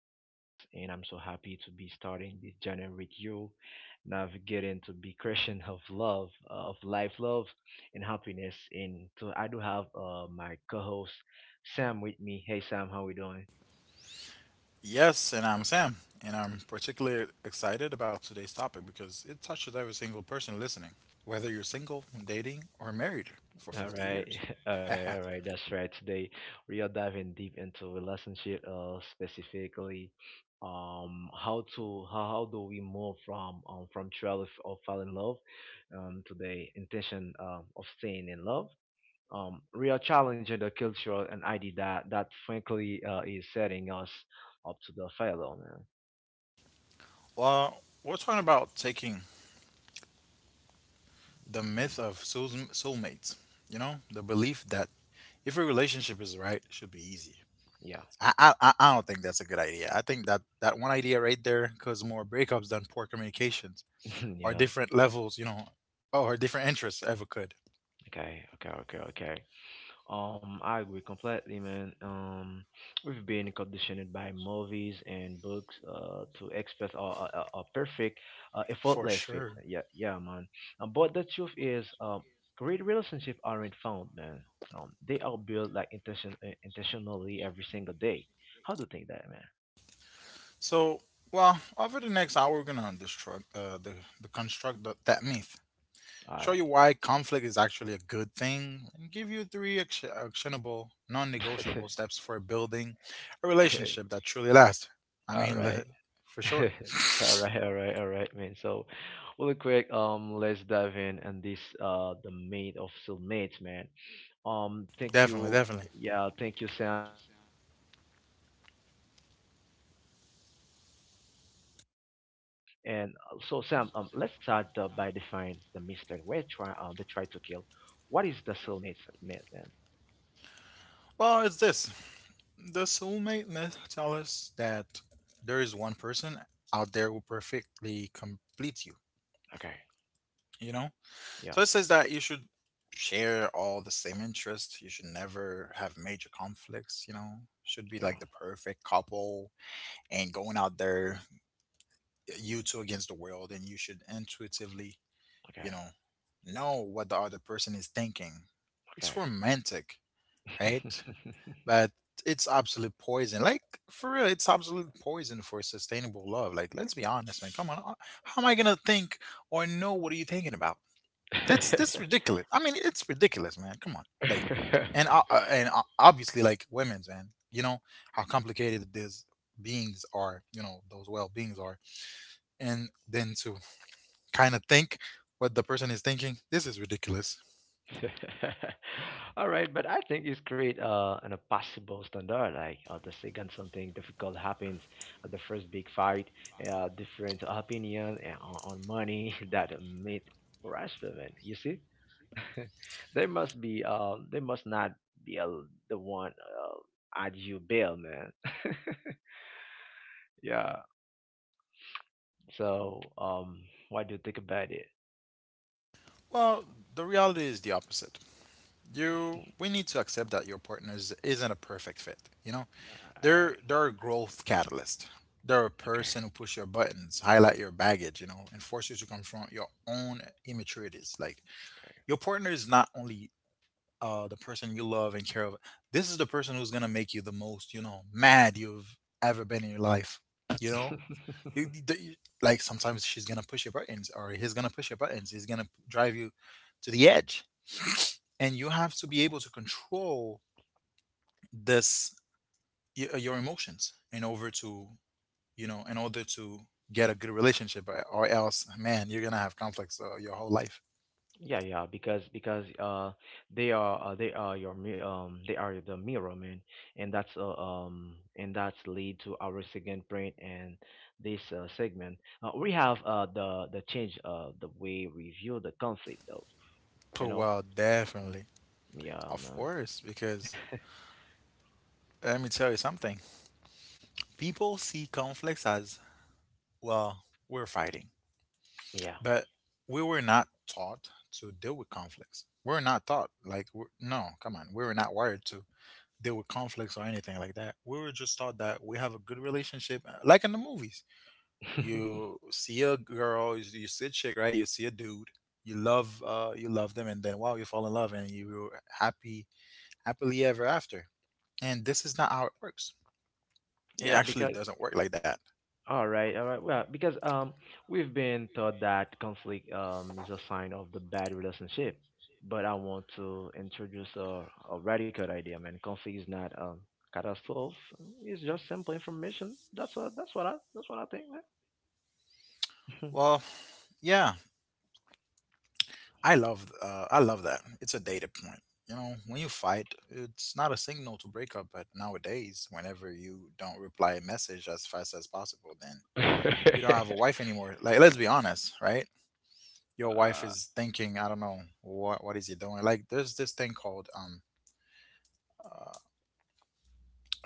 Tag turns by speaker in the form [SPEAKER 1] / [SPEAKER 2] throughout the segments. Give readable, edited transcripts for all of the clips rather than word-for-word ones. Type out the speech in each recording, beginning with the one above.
[SPEAKER 1] Carlos, and I'm so happy to be starting this journey with you, navigating to the creation of love, of life, love, and happiness. And so I do have my co host, Sam, with me. Hey, Sam, how we doing?
[SPEAKER 2] Yes, and I'm Sam, and I'm particularly excited about today's topic because it touches every single person listening, whether you're single, dating, or married for
[SPEAKER 1] All
[SPEAKER 2] 50
[SPEAKER 1] right,
[SPEAKER 2] years.
[SPEAKER 1] all right, all right. That's right. Today we are diving deep into relationship, specifically, how do we move from trial of fall in love, to the intention of staying in love. We are challenging the culture and idea that frankly is setting us up to the failure. Man.
[SPEAKER 2] Well, we're talking about taking the myth
[SPEAKER 1] Mm.
[SPEAKER 2] of soulmates, the belief that if a relationship is right, it should be easy.
[SPEAKER 1] Yeah,
[SPEAKER 2] I don't think that's a good idea. I think that one idea right there caused more breakups than poor communications or
[SPEAKER 1] yeah.
[SPEAKER 2] different levels, or different interests ever could.
[SPEAKER 1] Okay, okay, okay, okay. I agree completely, man. We've been conditioned by movies and books to express our perfect,
[SPEAKER 2] For
[SPEAKER 1] effortless fit.
[SPEAKER 2] sure.
[SPEAKER 1] Yeah, yeah, man. But the truth is, great relationships aren't found, man. They are built like intentionally every single day. How do you think that, man?
[SPEAKER 2] So, well, over the next hour, we're gonna destruct the construct that myth, show
[SPEAKER 1] All
[SPEAKER 2] you why conflict is actually a good thing, and give you three actionable,
[SPEAKER 1] right.
[SPEAKER 2] non-negotiable steps for building a
[SPEAKER 1] okay.
[SPEAKER 2] relationship that truly lasts. I
[SPEAKER 1] All
[SPEAKER 2] mean,
[SPEAKER 1] right.
[SPEAKER 2] for sure,
[SPEAKER 1] All right, all right, all right, man. So, really quick, let's dive in and this the mate of soulmates, man. Thank
[SPEAKER 2] definitely,
[SPEAKER 1] you,
[SPEAKER 2] definitely.
[SPEAKER 1] yeah, thank you, Sam. Thank you for all our listeners, man. And so, Sam, let's start by defining the mystery we're trying they try to kill. What is the soulmate myth, man?
[SPEAKER 2] Well, it's this: the soulmate myth tells us that there is one person out there who perfectly completes you.
[SPEAKER 1] Okay,
[SPEAKER 2] You know,
[SPEAKER 1] yeah,
[SPEAKER 2] So it says that you should share all the same interests. You should never have major conflicts. Should be
[SPEAKER 1] yeah,
[SPEAKER 2] like the perfect couple and going out there, you two against the world, and you should intuitively,
[SPEAKER 1] okay,
[SPEAKER 2] you know, know what the other person is thinking. It's
[SPEAKER 1] okay.
[SPEAKER 2] romantic, right? But it's absolute poison. Like, for real, it's absolute poison for sustainable love. Like, let's be honest, man. Come on. How am I gonna think or know what are you thinking about? That's ridiculous. I mean, it's ridiculous, man. Come on, like, and uh, uh, and uh, obviously, like, women's man. You know how complicated these beings are. You know those well beings are, and then to kind of think what the person is thinking. This is ridiculous.
[SPEAKER 1] All right, but I think it's create an impossible standard. Like the second something difficult happens, the first big fight, different opinion on money that meet harassment. You see, there must not be the one at you bill, man. yeah. So what do you think about it?
[SPEAKER 2] Well, the reality is the opposite. You we need to accept that your partner isn't a perfect fit.
[SPEAKER 1] All right.
[SPEAKER 2] They're a growth catalyst. They're a
[SPEAKER 1] Okay.
[SPEAKER 2] person who push your buttons, highlight your baggage, and force you to confront your own immaturities. Like, your partner is not only the person you love and care of. This is the person who's gonna make you the most mad you've ever been in your life you know
[SPEAKER 1] Okay.
[SPEAKER 2] You- you- you- like, sometimes she's gonna push your buttons or he's gonna push your buttons. He's gonna drive you to the edge, and you have to be able to control this your emotions in order to get a good relationship, or else, man, you're gonna have conflicts your whole life.
[SPEAKER 1] Yeah, yeah, because they are the mirror, man, and that's lead to our second print and this segment. We have the change the way we view the conflict though, you
[SPEAKER 2] Oh,
[SPEAKER 1] know.
[SPEAKER 2] well, definitely,
[SPEAKER 1] Yeah,
[SPEAKER 2] of
[SPEAKER 1] man.
[SPEAKER 2] course. Because let me tell you something, people see conflicts as, well, we're fighting,
[SPEAKER 1] Yeah.
[SPEAKER 2] but we were not taught to deal with conflicts. We're not taught, like no, come on, we were not wired to deal with conflicts or anything like that. We were just taught that we have a good relationship, like in the movies. You see a girl, you see a chick, right? You see a dude, you love them, and then, wow, you fall in love, and you're happily ever after. And this is not how it works. It
[SPEAKER 1] yeah,
[SPEAKER 2] actually
[SPEAKER 1] because
[SPEAKER 2] doesn't work like that.
[SPEAKER 1] All right, all right. Well, because we've been taught that conflict is a sign of the bad relationship, but I want to introduce a radical idea, man. Conflict is not catastrophe. It's just simple information. That's what I think, man.
[SPEAKER 2] Well, yeah, I love that. It's a data point. You know, when you fight, it's not a signal to break up. But nowadays, whenever you don't reply a message as fast as possible, then you don't have a wife anymore. Like, let's be honest, right? Your wife
[SPEAKER 1] uh,
[SPEAKER 2] is thinking, I don't know what is he doing. Like, there's this thing called uh,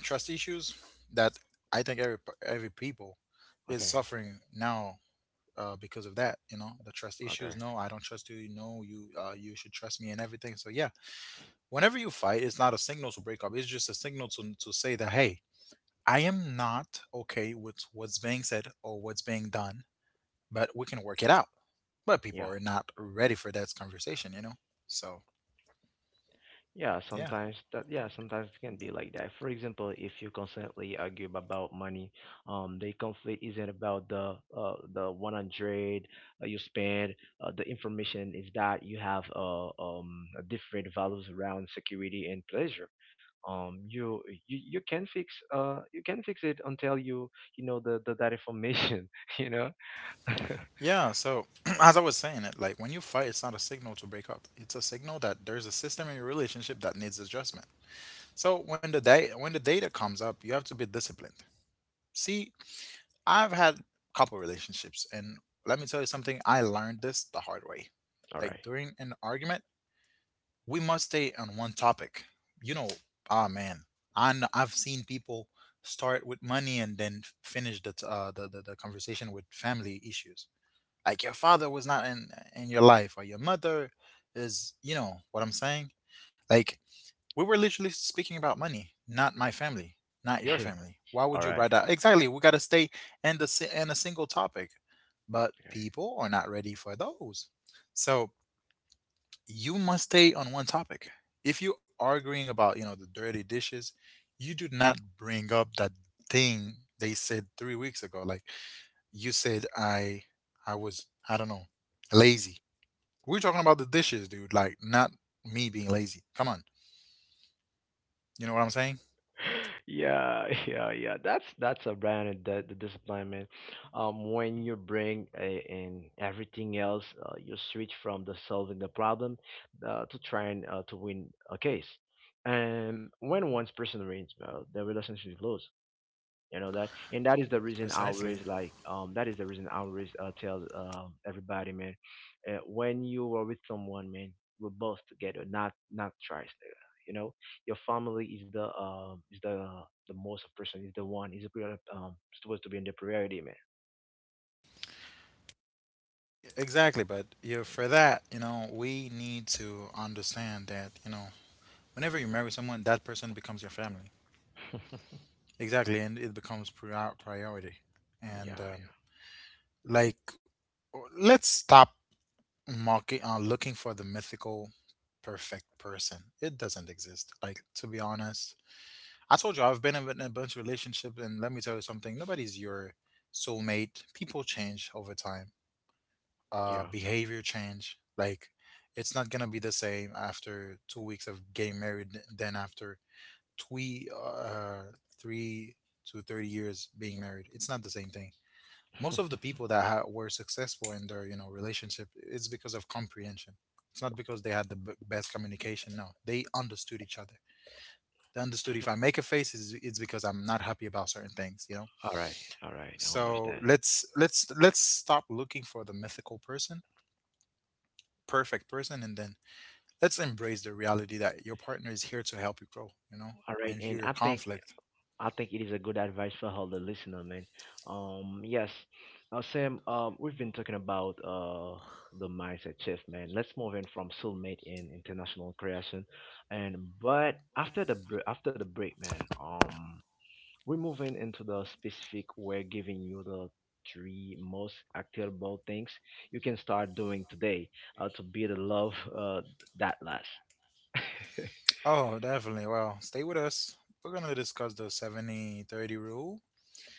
[SPEAKER 2] trust issues that I think every people is
[SPEAKER 1] Okay,
[SPEAKER 2] suffering now because of that. You know, the trust
[SPEAKER 1] okay,
[SPEAKER 2] issues. No, I don't trust you. No, you should trust me and everything. So yeah, whenever you fight, it's not a signal to break up. It's just a signal to say that, hey, I am not okay with what's being said or what's being done, but we can work it out. But people
[SPEAKER 1] yeah.
[SPEAKER 2] are not ready for that conversation. So
[SPEAKER 1] Yeah,
[SPEAKER 2] yeah.
[SPEAKER 1] sometimes that yeah, sometimes it can be like that. For example, if you constantly argue about money, the conflict isn't about the 100 you spend. The information is that you have different values around security and pleasure. Um, you you can fix you can fix it until you know the that information. You know.
[SPEAKER 2] Yeah, so as I was saying it, like, when you fight, it's not a signal to break up. It's a signal that there's a system in your relationship that needs adjustment. So when the data comes up, you have to be disciplined. See, I've had couple relationships, and let me tell you something, I learned this the hard way.
[SPEAKER 1] All right.
[SPEAKER 2] Like, during an argument, we must stay on one topic. You know, ah, man, I've seen people start with money and then finish the t- the conversation with family issues, like your father was not in your life, or your mother is, you know what I'm saying? Like, we were literally speaking about money, not my family, not your family. Why
[SPEAKER 1] All
[SPEAKER 2] would you
[SPEAKER 1] right.
[SPEAKER 2] bring that? Exactly. We got to stay in a single topic, but people are not ready for those. So you must stay on one topic. If you are arguing about, you know, the dirty dishes, you do not bring up that thing they said 3 weeks ago. Like, you said I was, I don't know, lazy. We're talking about the dishes, dude. Like, not me being lazy. Come on, you know what I'm saying?
[SPEAKER 1] yeah, yeah, yeah. That's a brand that the discipline, man. When you bring in everything else, you switch from the solving the problem to trying to win a case. And when one person wins, the relationship is lost. You know that. And
[SPEAKER 2] Precisely.
[SPEAKER 1] that is the reason I always tell everybody, man. When you are with someone, man, we're both together, not twice, nigga. You know, your family is the most person, is the one, is the supposed to be in the priority, man.
[SPEAKER 2] Exactly. But you
[SPEAKER 1] Mm.
[SPEAKER 2] for that, you know, we need to understand that whenever you marry someone, that person becomes your family. Exactly, and it becomes priority.
[SPEAKER 1] yeah,
[SPEAKER 2] And
[SPEAKER 1] yeah,
[SPEAKER 2] like, let's stop mocking on looking for the mythical perfect person. It doesn't exist. Like, to be honest, I told you I've been in a bunch of relationships, and let me tell you something. Nobody's your soulmate. People change over time. Uh,
[SPEAKER 1] yeah.
[SPEAKER 2] behavior change. Like, it's not gonna be the same after 2 weeks of getting married than after three, uh, 3 to 30 years being married. It's not the same thing. Most of the people that were successful in their relationship, it's because of comprehension. It's not because they had the best communication. No, they understood each other, understood if I make a face, it's because I'm not happy about certain things.
[SPEAKER 1] All right, all right, I
[SPEAKER 2] So
[SPEAKER 1] understand.
[SPEAKER 2] let's stop looking for the mythical person perfect person, and then let's embrace the reality that your partner is here to help you grow, you know,
[SPEAKER 1] All right,
[SPEAKER 2] and
[SPEAKER 1] and
[SPEAKER 2] view your conflict.
[SPEAKER 1] I think it is a good advice for all the listener, man. Yes, Sam. We've been talking about the mindset shift, man. Let's move in from soulmate in international creation, and but after the after the break, man. We're moving into the specific. We're giving you the three most actionable things you can start doing today to build a love that lasts.
[SPEAKER 2] Oh, definitely. Well, stay with us. We're going to discuss the 70/30 rule,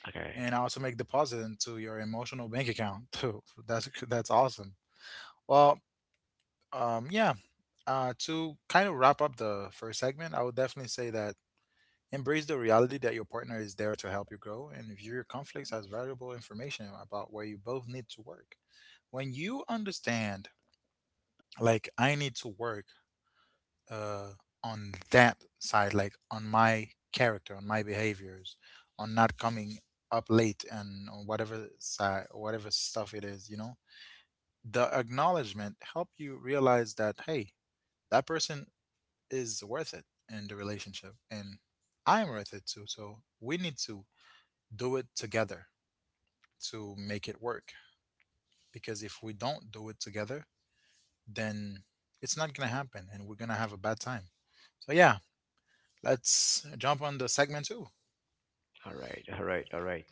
[SPEAKER 1] okay.
[SPEAKER 2] and also make deposit into your emotional bank account too. That's awesome. Well, yeah, to kind of wrap up the first segment, I would definitely say that: embrace the reality that your partner is there to help you grow and view your conflicts as valuable information about where you both need to work. When you understand, like, I need to work uh, on that side, like on my character, on my behaviors, on not coming up late, and on whatever side, whatever stuff it is, you know, the acknowledgement help you realize that, hey, that person is worth it in the relationship, and I'm worth it too. So we need to do it together to make it work. Because if we don't do it together, then it's not gonna happen, and we're gonna have a bad time. So yeah, let's jump on the segment two.
[SPEAKER 1] All right, all right, all right.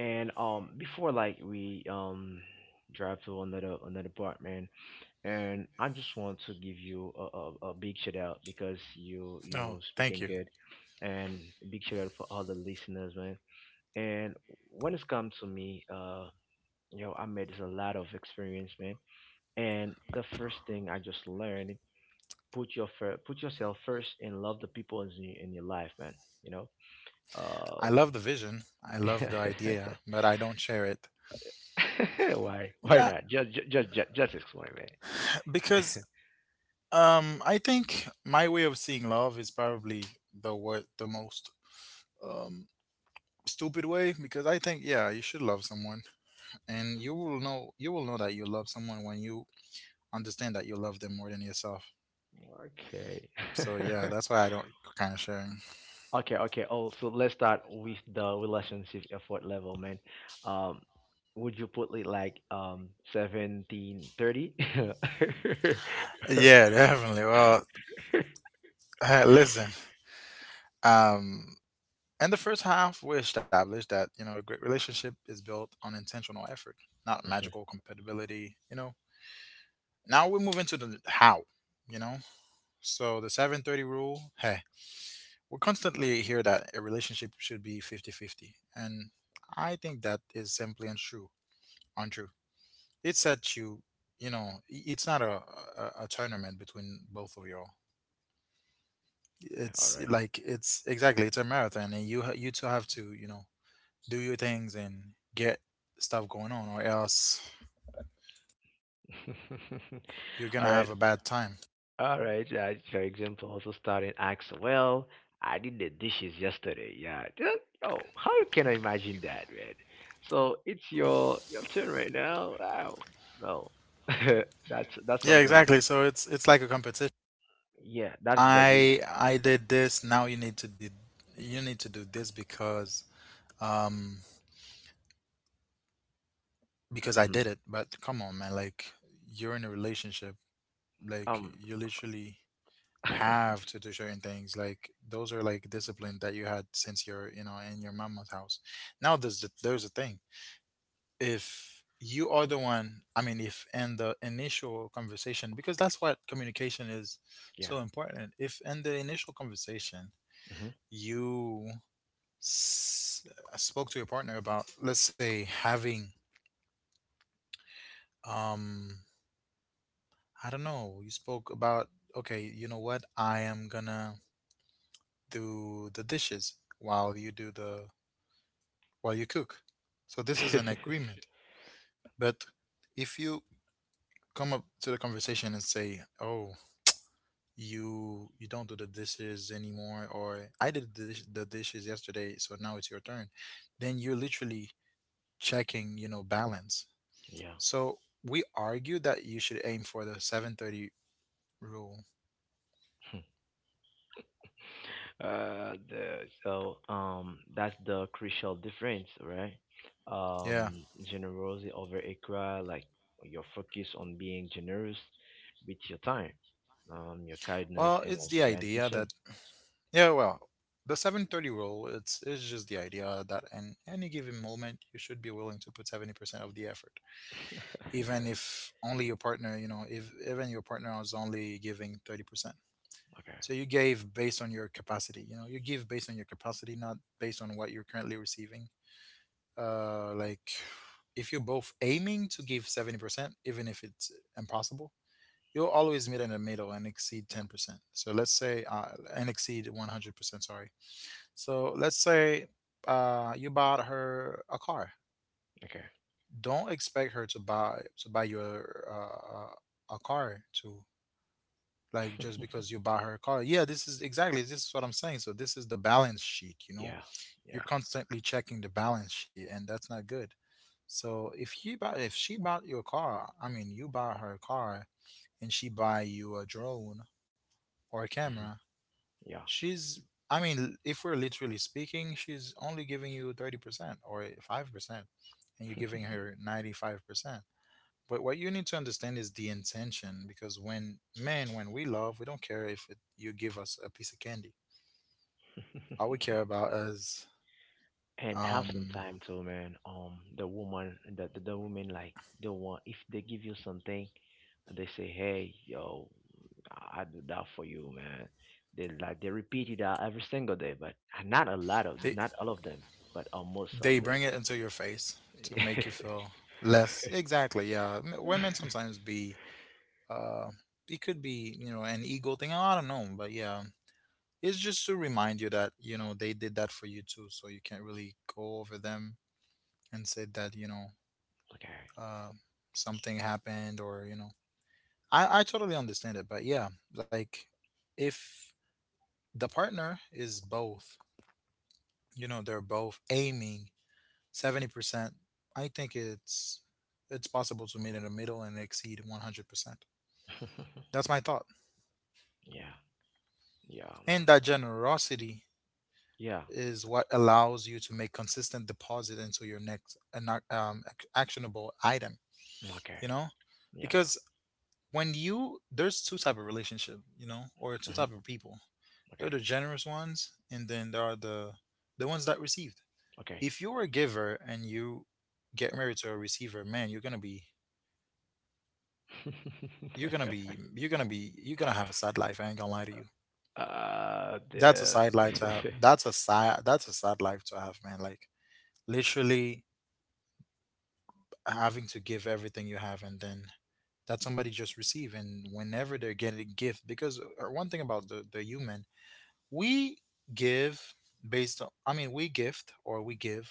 [SPEAKER 1] And before like we drive to another part, man. And I just want to give you a big shout out because you
[SPEAKER 2] Oh, thank
[SPEAKER 1] speaking
[SPEAKER 2] you.
[SPEAKER 1] good, and a big shout out for all the listeners, man. And when it's come to me, I made a lot of experience, man. And the first thing I just learned, put your put yourself first and love the people in in your life, man. You know,
[SPEAKER 2] I
[SPEAKER 1] um.
[SPEAKER 2] love the vision. I love the idea, but I don't share it.
[SPEAKER 1] Why? Why
[SPEAKER 2] Yeah,
[SPEAKER 1] not? Just, ju- just explain it.
[SPEAKER 2] because I think my way of seeing love is probably the most um, stupid way, because I think, yeah, you should love someone, and you will know that you love someone when you understand that you love them more than yourself.
[SPEAKER 1] Okay.
[SPEAKER 2] So yeah, that's why I don't kind of sharing.
[SPEAKER 1] okay. Okay. Oh, so let's start with the relationship effort level, man. Um, would you put it like 1730?
[SPEAKER 2] Yeah, definitely. Well, listen. Um, in the first half, we established that a great relationship is built on intentional effort, not magical compatibility. Now we move into the how. You know. So the seven thirty rule. Hey, we constantly hear that a relationship should be 50/50, and I think that is simply untrue. Untrue. It's that you it's not a tournament between both of y'all.
[SPEAKER 1] All
[SPEAKER 2] It's
[SPEAKER 1] right.
[SPEAKER 2] like, it's exactly, it's a marathon, and you two have to, you know, do your things and get stuff going on, or else you're gonna
[SPEAKER 1] All right.
[SPEAKER 2] have a bad time.
[SPEAKER 1] All right. For example, also starting acts. Well, I did the dishes yesterday. Yeah. Oh, how you can I imagine that, man? So it's your turn right now. Oh no, that's
[SPEAKER 2] Yeah,
[SPEAKER 1] something.
[SPEAKER 2] exactly, so it's like a competition.
[SPEAKER 1] Yeah, that's the reason.
[SPEAKER 2] I did this, now you need to do this um because I
[SPEAKER 1] Mhm.
[SPEAKER 2] did it. But come on, man, like you're in a relationship, like
[SPEAKER 1] Um.
[SPEAKER 2] you literally have to do certain things. Like those are like discipline that you had since you're, you know, in your mama's house. Now there's a thing. If you are the one, I mean, if in the initial conversation, because that's what communication is,
[SPEAKER 1] Yeah.
[SPEAKER 2] so important, if in the initial conversation you s- spoke to your partner about, let's say, having um I don't know, you spoke about, okay, you know what, I am gonna do the dishes while you do the while you cook. So this is an
[SPEAKER 1] Hmm.
[SPEAKER 2] agreement. But if you come up to the conversation and say, "Oh, you don't do the dishes anymore," or "I did the dishes yesterday, so now it's your turn," then you're literally checking, you know, balance.
[SPEAKER 1] yeah.
[SPEAKER 2] So we argue that you should aim for the 730 rule.
[SPEAKER 1] So that's the crucial difference, right?
[SPEAKER 2] Yeah,
[SPEAKER 1] Generosity over ikra, like your focus on being generous with your time, your kindness,
[SPEAKER 2] well,
[SPEAKER 1] and
[SPEAKER 2] it's the
[SPEAKER 1] also your
[SPEAKER 2] idea that,
[SPEAKER 1] intention.
[SPEAKER 2] yeah, well, the 730 rule, it's just the idea that in any given moment you should be willing to put 70% of the effort, even if only your partner, you know, if even your partner is only giving 30%.
[SPEAKER 1] Okay,
[SPEAKER 2] So you gave based on your capacity, you know, you give based on your capacity, not based on what you're currently receiving. Like if you're both aiming to give 70%, even if it's impossible, you'll always meet in the middle and exceed 10%. So let's say, and exceed 100%, sorry. So let's say, you bought her a car,
[SPEAKER 1] okay,
[SPEAKER 2] don't expect her to buy your a car to, like, just because you buy her a car. Yeah, this is exactly, this is what I'm saying, so this is the balance sheet, you know.
[SPEAKER 1] yeah, yeah,
[SPEAKER 2] You're constantly checking the balance sheet, and that's not good. So if he buy if she bought you a car, I mean, you buy her a car, and she buy you a drone or a
[SPEAKER 1] mhm,
[SPEAKER 2] camera, she's, I mean, if we're literally speaking, she's only giving you 30% or 5%, and you're giving her 95%. But what you need to understand is the intention, because when men, when we love, we don't care if it, you give us a piece of candy. All we
[SPEAKER 1] yeah.
[SPEAKER 2] care about is
[SPEAKER 1] And have some
[SPEAKER 2] um,
[SPEAKER 1] time too, man, the woman, the woman like they want if they give you something and they say, hey, yo, I do that for you, man. They like they repeat it out every single day, but
[SPEAKER 2] they
[SPEAKER 1] not all of them, but almost of
[SPEAKER 2] they
[SPEAKER 1] them.
[SPEAKER 2] bring it into your face to make you feel less. Exactly. Yeah. Women sometimes be uh, it could be, you know, an ego thing. I don't know, but yeah, it's just to remind you that, you know, they did that for you too, so you can't really go over them and say that you know
[SPEAKER 1] Okay.
[SPEAKER 2] uh, something happened, or you know, I totally understand it. But yeah, like if the partner is both, you know, they're both aiming 70%, I think it's possible to meet in the middle and exceed 100%. That's my thought.
[SPEAKER 1] Yeah, yeah,
[SPEAKER 2] And
[SPEAKER 1] man.
[SPEAKER 2] that generosity
[SPEAKER 1] Yeah.
[SPEAKER 2] is what allows you to make consistent deposit into your next actionable item,
[SPEAKER 1] Okay.
[SPEAKER 2] you know?
[SPEAKER 1] Yeah, yeah.
[SPEAKER 2] Because when you, there's two type of relationship, you know, or two
[SPEAKER 1] Hmm.
[SPEAKER 2] type of people. There are
[SPEAKER 1] Okay,
[SPEAKER 2] the generous ones, and then there are the ones that received.
[SPEAKER 1] okay.
[SPEAKER 2] If you're a giver and you get married to a receiver, man, you're gonna be, you're gonna have a sad life. I ain't gonna lie to you. That's a
[SPEAKER 1] The
[SPEAKER 2] side life to have, that's a sad life to have, man. Like literally having to give everything you have, and then that somebody just receive. And whenever they're getting a gift, because one thing about the human, we give based on, I mean, we gift or we give,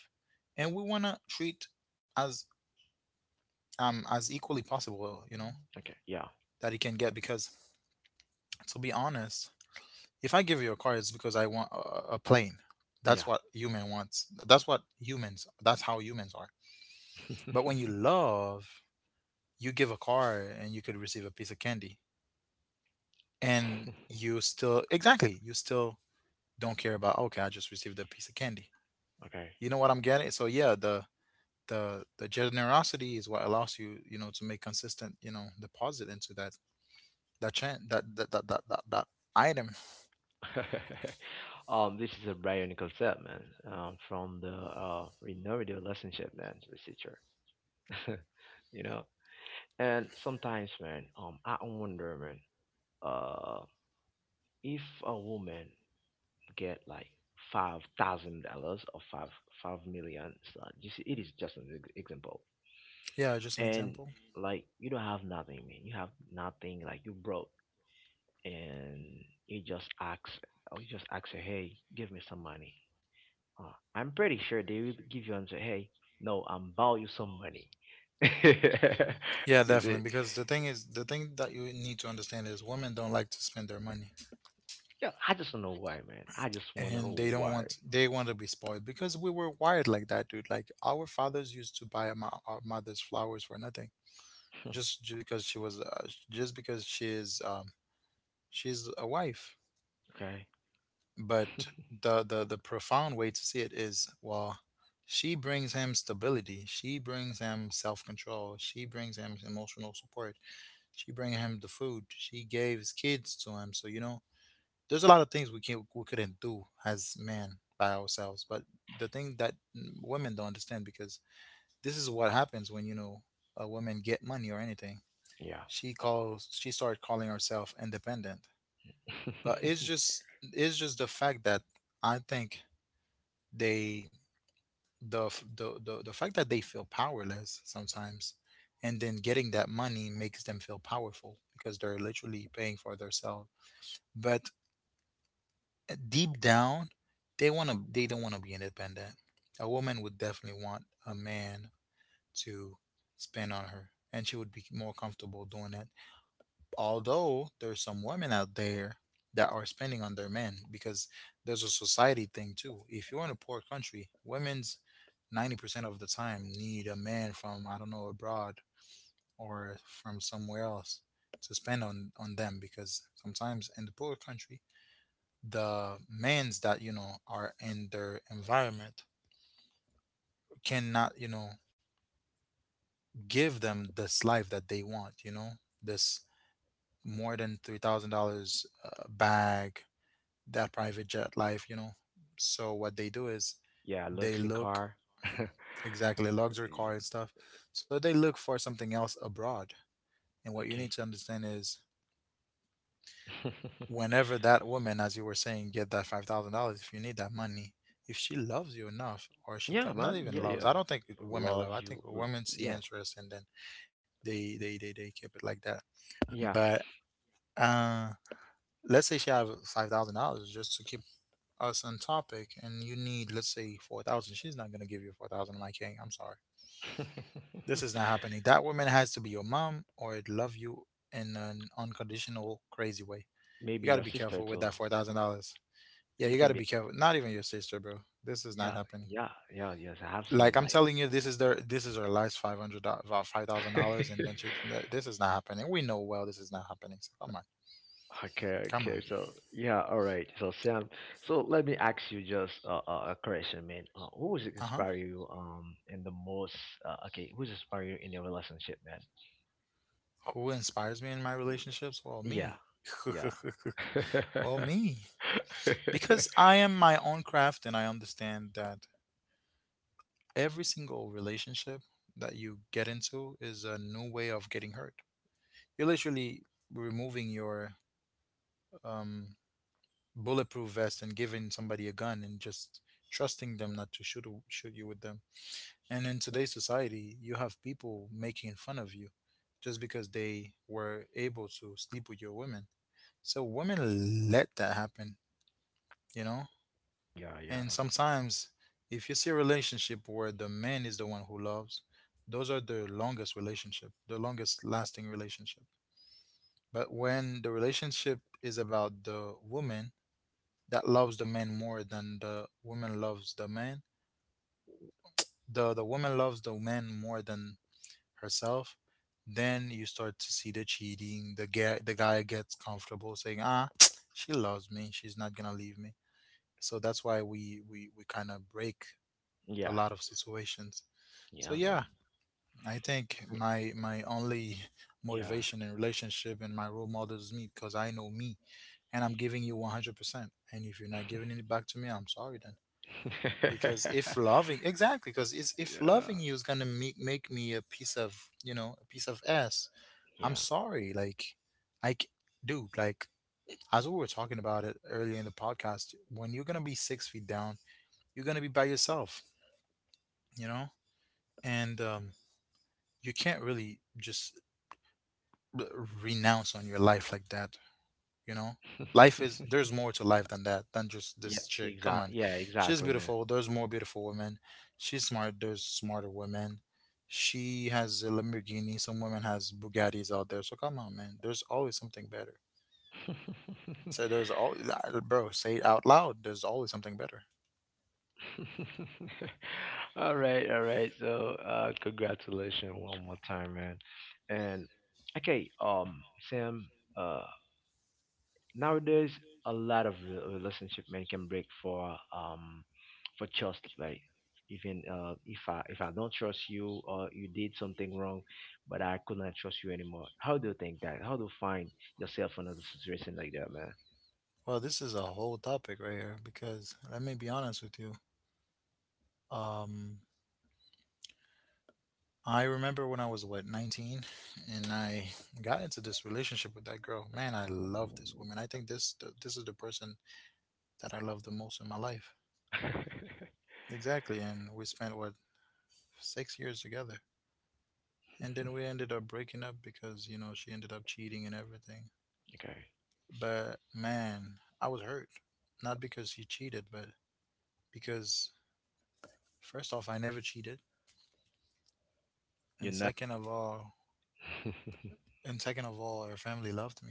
[SPEAKER 2] and we want to treat as as equally possible, you know,
[SPEAKER 1] Okay. Yeah,
[SPEAKER 2] that he can get. Because to be honest, if I give you a car, it's because I want a plane. That's
[SPEAKER 1] yeah.
[SPEAKER 2] what human wants, that's how humans are. But when you love, you give a car and you could receive a piece of candy, and you still, exactly, you still don't care about, okay, I just received a piece of candy.
[SPEAKER 1] Okay.
[SPEAKER 2] You know what I'm getting. So yeah, the the generosity is what allows you, you know, to make consistent, you know, deposit into that, that chain, that item.
[SPEAKER 1] This is a Brian Nicholson, man, from the renewed relationship, man, researcher. You know, and sometimes, man, I wonder, man, uh, if a woman get like $5,000 or five five million, so you see, it is just an example,
[SPEAKER 2] Yeah, just an
[SPEAKER 1] and
[SPEAKER 2] example.
[SPEAKER 1] like you don't have nothing, man, you have nothing, like you broke, and you just ask, you just ask her, hey, give me some money. Uh, I'm pretty sure they will give you and say, "Hey, no, I'm borrow you some money." Is
[SPEAKER 2] Yeah, definitely,
[SPEAKER 1] it?
[SPEAKER 2] because the thing is, the thing that you need to understand is women don't like to spend their money,
[SPEAKER 1] Yeah, I just don't know why, man. I just want to know
[SPEAKER 2] and they don't
[SPEAKER 1] why.
[SPEAKER 2] want they want to be spoiled, because we were wired like that, dude. Like, our fathers used to buy our mother's flowers for nothing, just because she was, just because she is she's a wife.
[SPEAKER 1] okay.
[SPEAKER 2] But the profound way to see it is, well, she brings him stability, she brings him self-control, she brings him emotional support, she brings him the food, she gave his kids to him. So you know, there's a lot of things we can we couldn't do as men by ourselves. But the thing that women don't understand, because this is what happens when, you know, a woman get money or anything,
[SPEAKER 1] Yeah.
[SPEAKER 2] she calls, she started calling herself independent, but it's just, it's just the fact that I think they, the fact that they feel powerless sometimes, and then getting that money makes them feel powerful because they're literally paying for themselves. But deep down, they don't want to be independent. A woman would definitely want a man to spend on her, and she would be more comfortable doing it. Although there's some women out there that are spending on their men, because there's a society thing too. If you're in a poor country, women's 90% of the time need a man from, I don't know, abroad or from somewhere else to spend on them. Because sometimes in the poor country, the men's that, you know, are in their environment cannot, you know, give them this life that they want, you know, this more than $3,000 bag, that private jet life, you know. So what they do is
[SPEAKER 1] yeah,
[SPEAKER 2] they
[SPEAKER 1] luxury
[SPEAKER 2] look,
[SPEAKER 1] car.
[SPEAKER 2] exactly, luxury car and stuff. So they look for something else abroad. And what you need
[SPEAKER 1] okay.
[SPEAKER 2] to understand is whenever that woman, as you were saying, get that $5,000, if you need that money, if she loves you enough, or
[SPEAKER 1] yeah,
[SPEAKER 2] not
[SPEAKER 1] man.
[SPEAKER 2] even
[SPEAKER 1] Yeah,
[SPEAKER 2] loves,
[SPEAKER 1] yeah.
[SPEAKER 2] I don't think women
[SPEAKER 1] Love
[SPEAKER 2] love. I
[SPEAKER 1] you.
[SPEAKER 2] think women see
[SPEAKER 1] Yeah,
[SPEAKER 2] interest and then they keep it like that.
[SPEAKER 1] yeah.
[SPEAKER 2] But uh, let's say she have $5,000 just to keep us on topic, and you need, let's say, 4,000, she's not going to give you 4,000. I'm like, hey, I'm sorry, this is not happening. That woman has to be your mom, or it love you in an unconditional crazy way. You
[SPEAKER 1] Maybe
[SPEAKER 2] got to
[SPEAKER 1] your
[SPEAKER 2] be
[SPEAKER 1] sister
[SPEAKER 2] careful with
[SPEAKER 1] too.
[SPEAKER 2] that $4,000. Yeah,
[SPEAKER 1] You
[SPEAKER 2] you got
[SPEAKER 1] can
[SPEAKER 2] to
[SPEAKER 1] be.
[SPEAKER 2] be careful. Not even your sister, bro, this is not
[SPEAKER 1] Yeah,
[SPEAKER 2] happening.
[SPEAKER 1] yeah, yeah. Yes, I have
[SPEAKER 2] Like,
[SPEAKER 1] some
[SPEAKER 2] I'm
[SPEAKER 1] like.
[SPEAKER 2] telling you, this is her last $5,000, and then she, this is not happening. We know, well, this is not happening, so come on.
[SPEAKER 1] Okay,
[SPEAKER 2] Come on.
[SPEAKER 1] okay. So yeah, all right. So Sam, let me ask you just a question, man. Who was
[SPEAKER 2] Uh-huh.
[SPEAKER 1] inspire you in the most? Okay, who's inspire you in your relationship, man?
[SPEAKER 2] Who inspires me in my
[SPEAKER 1] Y-
[SPEAKER 2] relationships? Well,
[SPEAKER 1] Yeah,
[SPEAKER 2] me.
[SPEAKER 1] yeah,
[SPEAKER 2] Well, me, because I am my own craft, and I understand that every single relationship that you get into is a new way of getting hurt. You're literally removing your um, bulletproof vest and giving somebody a gun and just trusting them not to shoot you with them. And in today's society, you have people making fun of you just because they were able to sleep with your women. So women let that happen, you know.
[SPEAKER 1] yeah, yeah,
[SPEAKER 2] And sometimes, if you see a relationship where the man is the one who loves, those are the longest relationship, the longest lasting relationship. But when the relationship is about the woman that loves the man more than the woman loves the man, the woman loves the man more than herself, then you start to see the cheating. The guy, gets comfortable saying, "Ah, she loves me. She's not gonna leave me." So that's why we kind of break a
[SPEAKER 1] yeah,
[SPEAKER 2] lot of situations. So
[SPEAKER 1] yeah, man.
[SPEAKER 2] yeah, I think
[SPEAKER 1] Y-
[SPEAKER 2] my only
[SPEAKER 1] Yeah,
[SPEAKER 2] motivation in relationship and my role model is me, because I know me, and I'm giving you 100%. And if you're not giving it back to me, I'm sorry then. Because if loving, exactly, because it's, if
[SPEAKER 1] yeah,
[SPEAKER 2] loving you is going to make me a piece of, you know, a piece of ass, I'm
[SPEAKER 1] yeah,
[SPEAKER 2] sorry, like, dude, like, as we were talking about it earlier in the podcast, when you're going to be 6 feet down, you're going to be by yourself, you know? And you can't really just r- renounce on your life like that, you know, life is, there's more to life than that than just
[SPEAKER 1] yeah.
[SPEAKER 2] this chick, come
[SPEAKER 1] Exact.
[SPEAKER 2] on.
[SPEAKER 1] Yeah,
[SPEAKER 2] She's
[SPEAKER 1] exactly, man.
[SPEAKER 2] beautiful, there's more beautiful women. She's smart, there's smarter women. She has a Lamborghini, some women has Bugattis out there, so come on man, there's always something better. So there's all, bro, say it out loud, there's always something better.
[SPEAKER 1] All right, all right. So, congratulations one more time, man. And okay, Sam, uh, nowadays a lot of relationship men can break for trust, like even if I don't trust you or you did something wrong, but I could not trust you anymore. How do you think that? How do you find yourself in a situation like that, man?
[SPEAKER 2] Well, this is a whole topic right here, because let me be honest with you. um I remember when I was, what, 19, and I got into this relationship with that girl. Man, I love this woman. I think this is the person that I love the most in my life. Exactly, and we spent, what, 6 years together. And then we ended up breaking up because, you know, she ended up cheating and everything.
[SPEAKER 1] okay,
[SPEAKER 2] But man, I was hurt. Not because she cheated, but because first off, I never cheated,
[SPEAKER 1] you're
[SPEAKER 2] and
[SPEAKER 1] not.
[SPEAKER 2] second of all, her family loved me.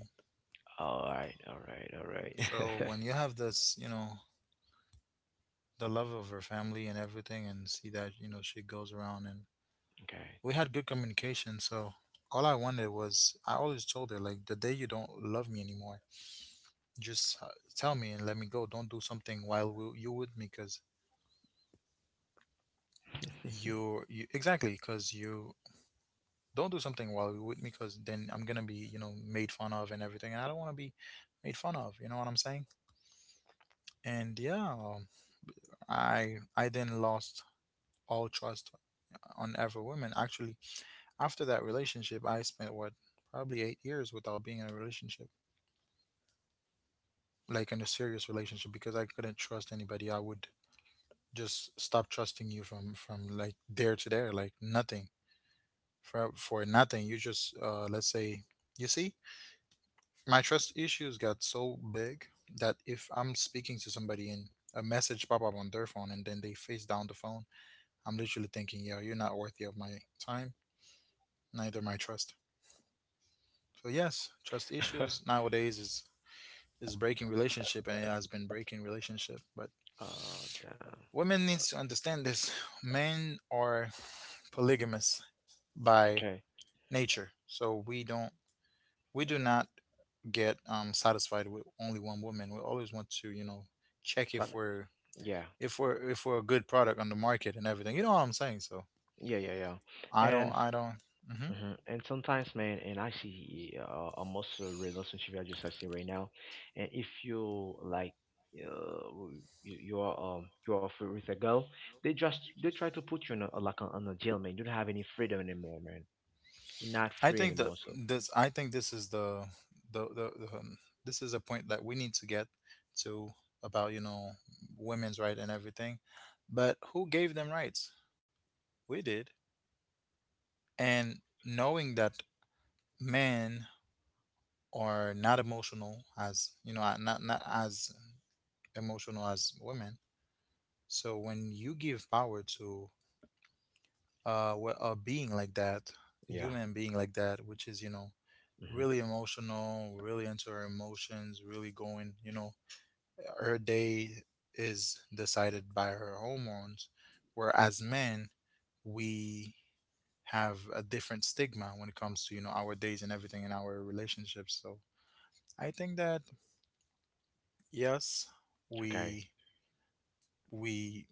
[SPEAKER 1] all right, all right, all
[SPEAKER 2] So
[SPEAKER 1] right.
[SPEAKER 2] when you have this, you know, the love of her family and everything and see that, you know, she goes around, and
[SPEAKER 1] Okay.
[SPEAKER 2] we had good communication. So all I wanted was, I always told her, like, the day you don't love me anymore, just tell me and let me go. Don't do something while you with me, because exactly, because you don't do something while you're with me, because then I'm gonna be, you know, made fun of and everything, and I don't want to be made fun of. You know what I'm saying? And yeah, I then lost all trust on every woman actually. After that relationship, I spent what probably 8 years without being in a relationship, like in a serious relationship, because I couldn't trust anybody. I would just stop trusting you from like there to there, like nothing, for nothing. You just, let's say, you see, my trust issues got so big that if I'm speaking to somebody and a message pop up on their phone and then they face down the phone, I'm literally thinking, yo, you're not worthy of my time, neither my trust. So yes, trust issues nowadays is breaking relationship, and it has been breaking relationship, but
[SPEAKER 1] Damn.
[SPEAKER 2] women
[SPEAKER 1] Uh,
[SPEAKER 2] needs to understand this. Men are polygamous by
[SPEAKER 1] Okay.
[SPEAKER 2] nature, so we don't, we do not get satisfied with only one woman. We always want to, you know, check
[SPEAKER 1] So,
[SPEAKER 2] if we're,
[SPEAKER 1] yeah.
[SPEAKER 2] if we're a good product on the market and everything. You know what I'm saying? So
[SPEAKER 1] Yeah, yeah, yeah.
[SPEAKER 2] I
[SPEAKER 1] And
[SPEAKER 2] don't,
[SPEAKER 1] s-
[SPEAKER 2] mhm.
[SPEAKER 1] mhm. And sometimes, man, and I see almost a relationship I see right now, and if you like, uh, you are free with a girl, they try to put you in a like on a jail, man. You don't have any freedom anymore, man. You're not
[SPEAKER 2] I
[SPEAKER 1] free
[SPEAKER 2] think that
[SPEAKER 1] anymore. So
[SPEAKER 2] this I think this is the, the this is a point that we need to get to about, you know, women's right and everything. But who gave them rights? We did. And knowing that men are not emotional as, you know, not as emotional as women. So when you give power to a being like that, a
[SPEAKER 1] yeah.
[SPEAKER 2] human being like that, which is, you know,
[SPEAKER 1] Hmm.
[SPEAKER 2] really emotional, really into her emotions, really going, you know, her day is decided by her hormones. Whereas men, we have a different stigma when it comes to, you know, our days and everything in our relationships. So I think that, yes,
[SPEAKER 1] Okay.
[SPEAKER 2] we, we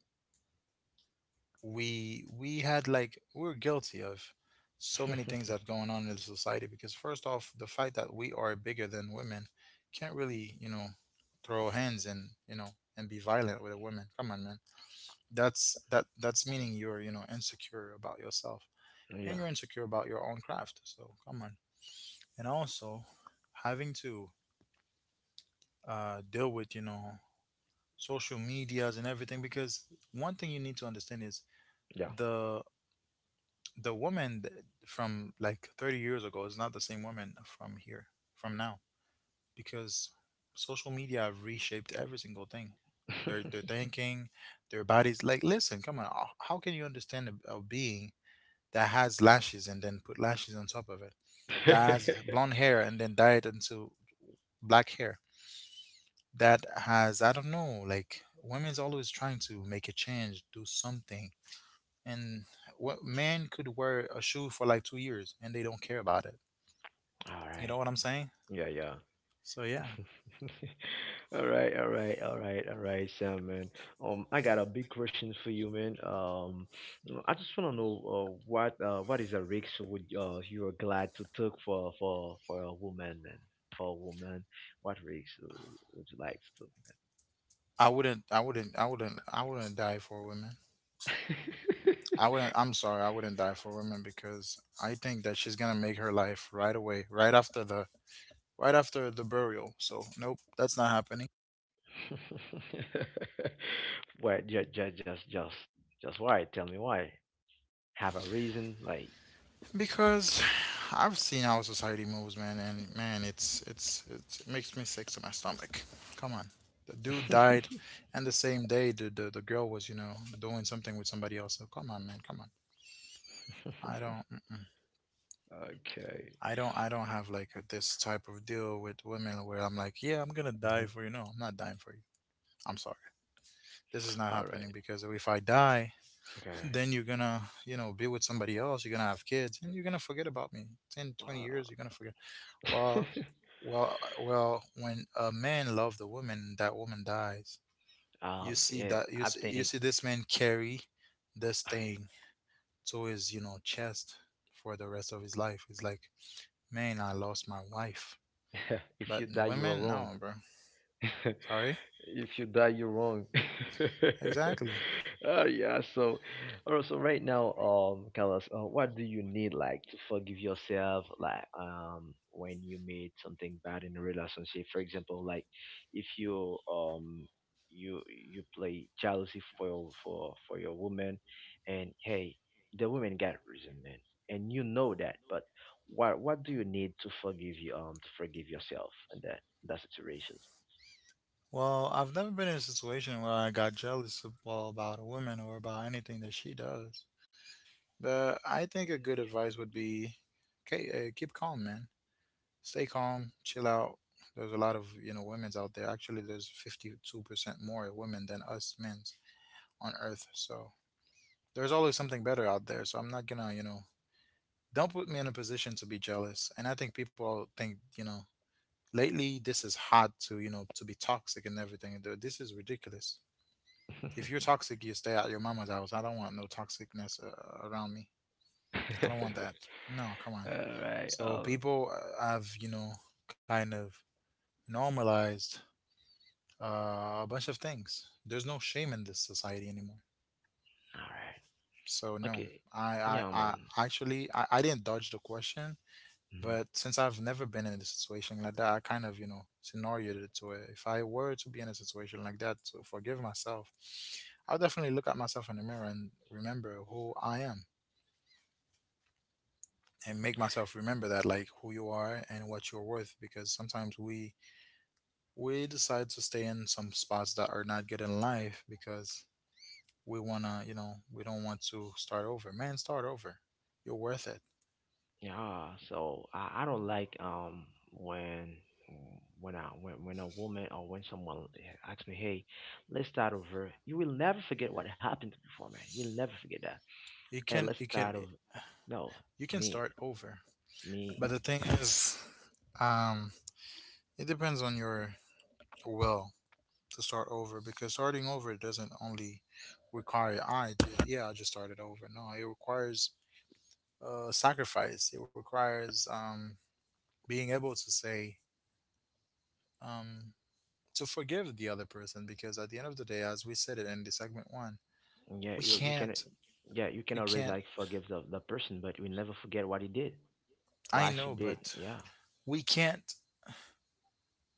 [SPEAKER 2] we had, like, we were guilty of so many things that going on in the society, because first off, the fact that we are bigger than women, can't really, you know, throw hands and, you know, and be violent with a woman, come on man. That's meaning you're, you know, insecure about yourself, and
[SPEAKER 1] yeah.
[SPEAKER 2] you're insecure about your own craft. So come on. And also, having to deal with, you know, social medias and everything, because one thing you need to understand is,
[SPEAKER 1] Yeah.
[SPEAKER 2] the the woman, from like 30 years ago, is not the same woman from here, from now, because social media have reshaped every single thing, their thinking, their bodies. Like, listen, come on, how can you understand a being that has lashes and then put lashes on top of it, that has blonde hair and then dye it into black hair, that has, I don't know, like, women's always trying to make a change, do something. And what man could wear a shoe for like 2 years and they don't care about it?
[SPEAKER 1] All
[SPEAKER 2] You know
[SPEAKER 1] right.
[SPEAKER 2] what I'm saying?
[SPEAKER 1] Yeah, yeah.
[SPEAKER 2] So yeah,
[SPEAKER 1] All right, all right, all right, all right, Sam, man. I got a big question for you, man. You know, I just wanna know, what is a risk would, you are glad to take for a woman, man? For a woman, what risk would you like
[SPEAKER 2] I wouldn't, I wouldn't die for women.
[SPEAKER 1] to take,
[SPEAKER 2] I wouldn't. I'm sorry, I wouldn't die for women, because I think that she's gonna make her life right away, right after the burial. So nope, that's not happening.
[SPEAKER 1] man? Why, just why? Tell me why. Have a reason, like.
[SPEAKER 2] Because I've seen how society moves, man, and man, it makes me sick to my stomach. Come on. The dude died, and the same day the girl was, you know, doing something with somebody else. So come on, man, come on. I don't.
[SPEAKER 1] Okay.
[SPEAKER 2] I don't have like a- this type of deal with women where I'm like, yeah, I'm gonna die
[SPEAKER 1] Mhm.
[SPEAKER 2] for you. No, I'm not dying for you. I'm sorry. This is not
[SPEAKER 1] All
[SPEAKER 2] happening
[SPEAKER 1] right.
[SPEAKER 2] because if I die,
[SPEAKER 1] Okay.
[SPEAKER 2] then you're gonna, you know, be with somebody else, you're gonna have kids, and you're gonna forget about me. 10, 20 years, you're gonna forget.
[SPEAKER 1] Uh,
[SPEAKER 2] Well, well, when a man loves a woman, that woman dies. You see
[SPEAKER 1] yeah,
[SPEAKER 2] that,
[SPEAKER 1] I
[SPEAKER 2] you
[SPEAKER 1] think
[SPEAKER 2] see this man carry this thing to his, you know, chest for the rest of his life. It's like, man, I lost my wife.
[SPEAKER 1] if
[SPEAKER 2] But
[SPEAKER 1] you die, you are
[SPEAKER 2] women,
[SPEAKER 1] wrong.
[SPEAKER 2] no, bro. Sorry.
[SPEAKER 1] if you die, you're wrong.
[SPEAKER 2] Exactly.
[SPEAKER 1] Yeah. So, also right now, Carlos, what do you need like to forgive yourself, like when you made something bad in a relationship? For example, like if you you play jealousy for your woman, and hey, the woman got resentment, and you know that, but what do you need to forgive yourself in that situation?
[SPEAKER 2] Well, I've never been in a situation where I got jealous well, about a woman or about anything that she does. But I think a good advice would be, okay, keep calm, man. Stay calm, chill out. There's a lot of, you know, women's out there. Actually, there's 52% more women than us men's on Earth. So there's always something better out there. So I'm not gonna, you know, don't put me in a position to be jealous. And I think people think, you know, lately this is hard to, you know, to be toxic and everything. This is ridiculous. If you're toxic you stay at your mama's house. I don't want no toxicness around me, I don't want
[SPEAKER 1] all
[SPEAKER 2] that, no, come on.
[SPEAKER 1] right.
[SPEAKER 2] So people have, you know, kind of normalized a bunch of things. There's no shame in this society anymore,
[SPEAKER 1] All right.
[SPEAKER 2] so no.
[SPEAKER 1] Okay.
[SPEAKER 2] i i,
[SPEAKER 1] Yeah,
[SPEAKER 2] I
[SPEAKER 1] man.
[SPEAKER 2] actually, I didn't dodge the question.
[SPEAKER 1] Mhm.
[SPEAKER 2] But since I've never been in a situation like that, I kind of, you know, scenarioed it to where if I were to be in a situation like that to forgive myself, I'll definitely look at myself in the mirror and remember who I am, and make myself remember that, like, who you are and what you're worth, because sometimes we decide to stay in some spots that are not good in life because we wanna, you know, we don't want to start over. Man, start over. You're worth it.
[SPEAKER 1] Yeah. So I don't like when when a woman or when someone asks me, hey, let's start over. You will never forget what happened before, man. You will never forget that. And let's
[SPEAKER 2] You
[SPEAKER 1] start
[SPEAKER 2] can,
[SPEAKER 1] over. No,
[SPEAKER 2] you can
[SPEAKER 1] me,
[SPEAKER 2] start over.
[SPEAKER 1] me.
[SPEAKER 2] But the thing is, um it depends on your will to start over, because starting over doesn't only require, yeah, I just started over. No, it requires, sacrifice. It requires, being able to say, um, to forgive the other person because at the end of the day, as we said it in the segment one,
[SPEAKER 1] Yeah,
[SPEAKER 2] we
[SPEAKER 1] you can.
[SPEAKER 2] can't,
[SPEAKER 1] Yeah, you can
[SPEAKER 2] you
[SPEAKER 1] always
[SPEAKER 2] can't,
[SPEAKER 1] like forgive the person, but you will never forget what he did,
[SPEAKER 2] I
[SPEAKER 1] what she
[SPEAKER 2] know,
[SPEAKER 1] did.
[SPEAKER 2] but
[SPEAKER 1] Yeah.
[SPEAKER 2] we can't,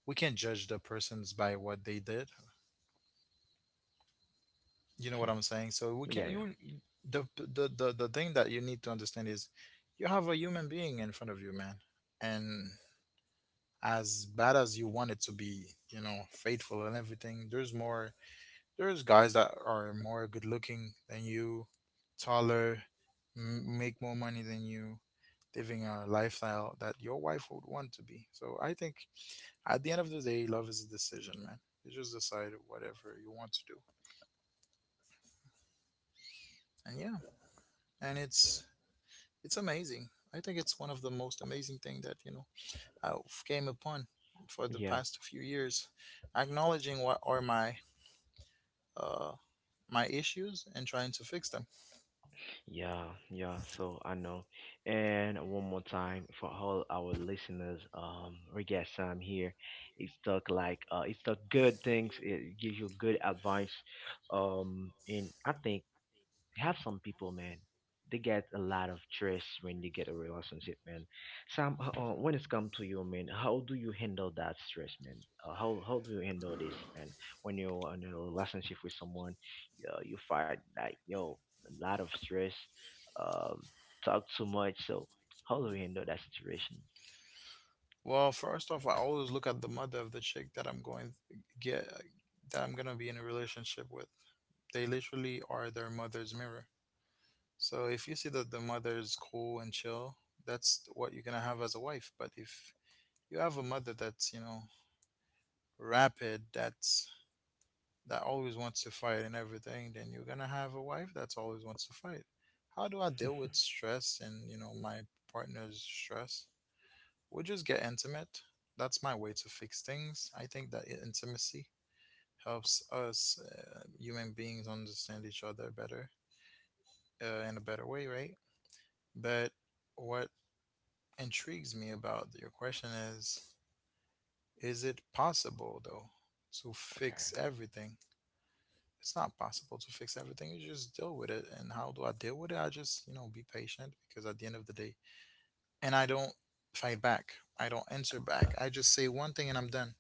[SPEAKER 2] judge the persons by what they did. You know what I'm saying? So we can,
[SPEAKER 1] Yeah.
[SPEAKER 2] the the thing that you need to understand is, you have a human being in front of you, man. And as bad as you want it to be, you know, faithful and everything, there's more, there's guys that are more good looking than you, taller, make more money than you, living a lifestyle that your wife would want to be. So I think at the end of the day, love is a decision, man. You just decide whatever you want to do. And yeah, and it's amazing. I think it's one of the most amazing thing that, you know, I've came upon for
[SPEAKER 1] Yeah.
[SPEAKER 2] the
[SPEAKER 1] Yeah.
[SPEAKER 2] past few years, acknowledging what are my, uh, my issues and trying to fix them.
[SPEAKER 1] Yeah, yeah, so I know. And one more time for all our listeners, we got Sam here. It's talk like it's the good things, it gives you good advice. Um, and I think you have some people, man. They get a lot of stress when they get a relationship, man. Sam, when it's come to you, man, how do you handle that stress, man? How do you handle this, man? When you're in a relationship with someone, you find like yo a lot of stress, um, talk too much. So how do you handle that situation?
[SPEAKER 2] Well, first off, I always look at the mother of the chick that I'm going get, that I'm gonna be in a relationship with. They literally are their mother's mirror. So if you see that the mother is cool and chill, that's what you're gonna have as a wife. But if you have a mother that's, you know, rapid, that's, that always wants to fight and everything, then you're gonna have a wife that's always wants to fight. How do I
[SPEAKER 1] okay.
[SPEAKER 2] deal with stress and, you know, my partner's stress? We just get intimate. That's my way to fix things. I think that, intimacy helps us, human beings understand each other better, in a better way, right? But what intrigues me about your question is: is it possible though to fix everything? It's not possible to fix everything. You just deal with it. And how do I deal with it? I just, you know, be patient because at the end of the day, and I don't fight back. I don't answer back. I just say one thing and I'm done.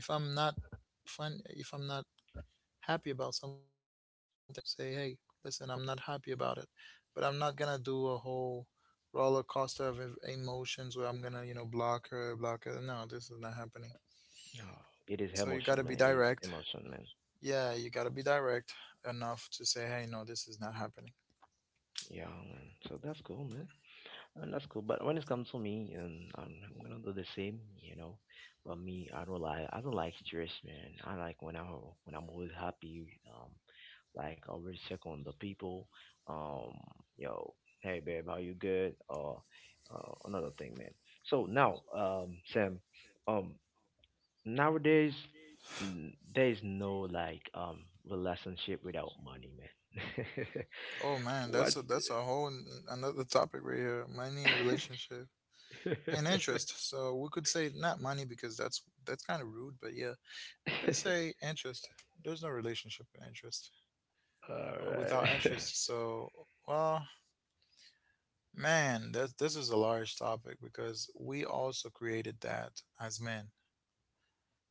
[SPEAKER 2] If I'm not if I'm not happy about something, I would just say, hey, listen, I'm not happy about it. But I'm not gonna do a whole roller coaster of emotions where I'm gonna, you know, block her. No, this is not happening.
[SPEAKER 1] yeah, it is
[SPEAKER 2] So you
[SPEAKER 1] emotion,
[SPEAKER 2] gotta
[SPEAKER 1] man.
[SPEAKER 2] be
[SPEAKER 1] It is
[SPEAKER 2] direct.
[SPEAKER 1] emotion, man.
[SPEAKER 2] Yeah, you gotta be direct enough to say, hey, no, this is not happening.
[SPEAKER 1] Yeah, man. So that's cool, man. That's cool. But when it comes to me, and I'm gonna do the same, you know. But me, I don't like stress, man. I like when I'm always happy. Like I always check on the people. Um, yo, hey babe, how you good? Or another thing, man. So now, Sam, um, nowadays there is no like relationship without money, man.
[SPEAKER 2] Oh man,
[SPEAKER 1] what?
[SPEAKER 2] that's a whole another topic right here. Money and relationship and interest. So we could say not money because that's kind of rude, but yeah, we could say interest. There's no relationship with interest
[SPEAKER 1] All right.
[SPEAKER 2] without interest. So well, man, that this is a large topic because we also created that as men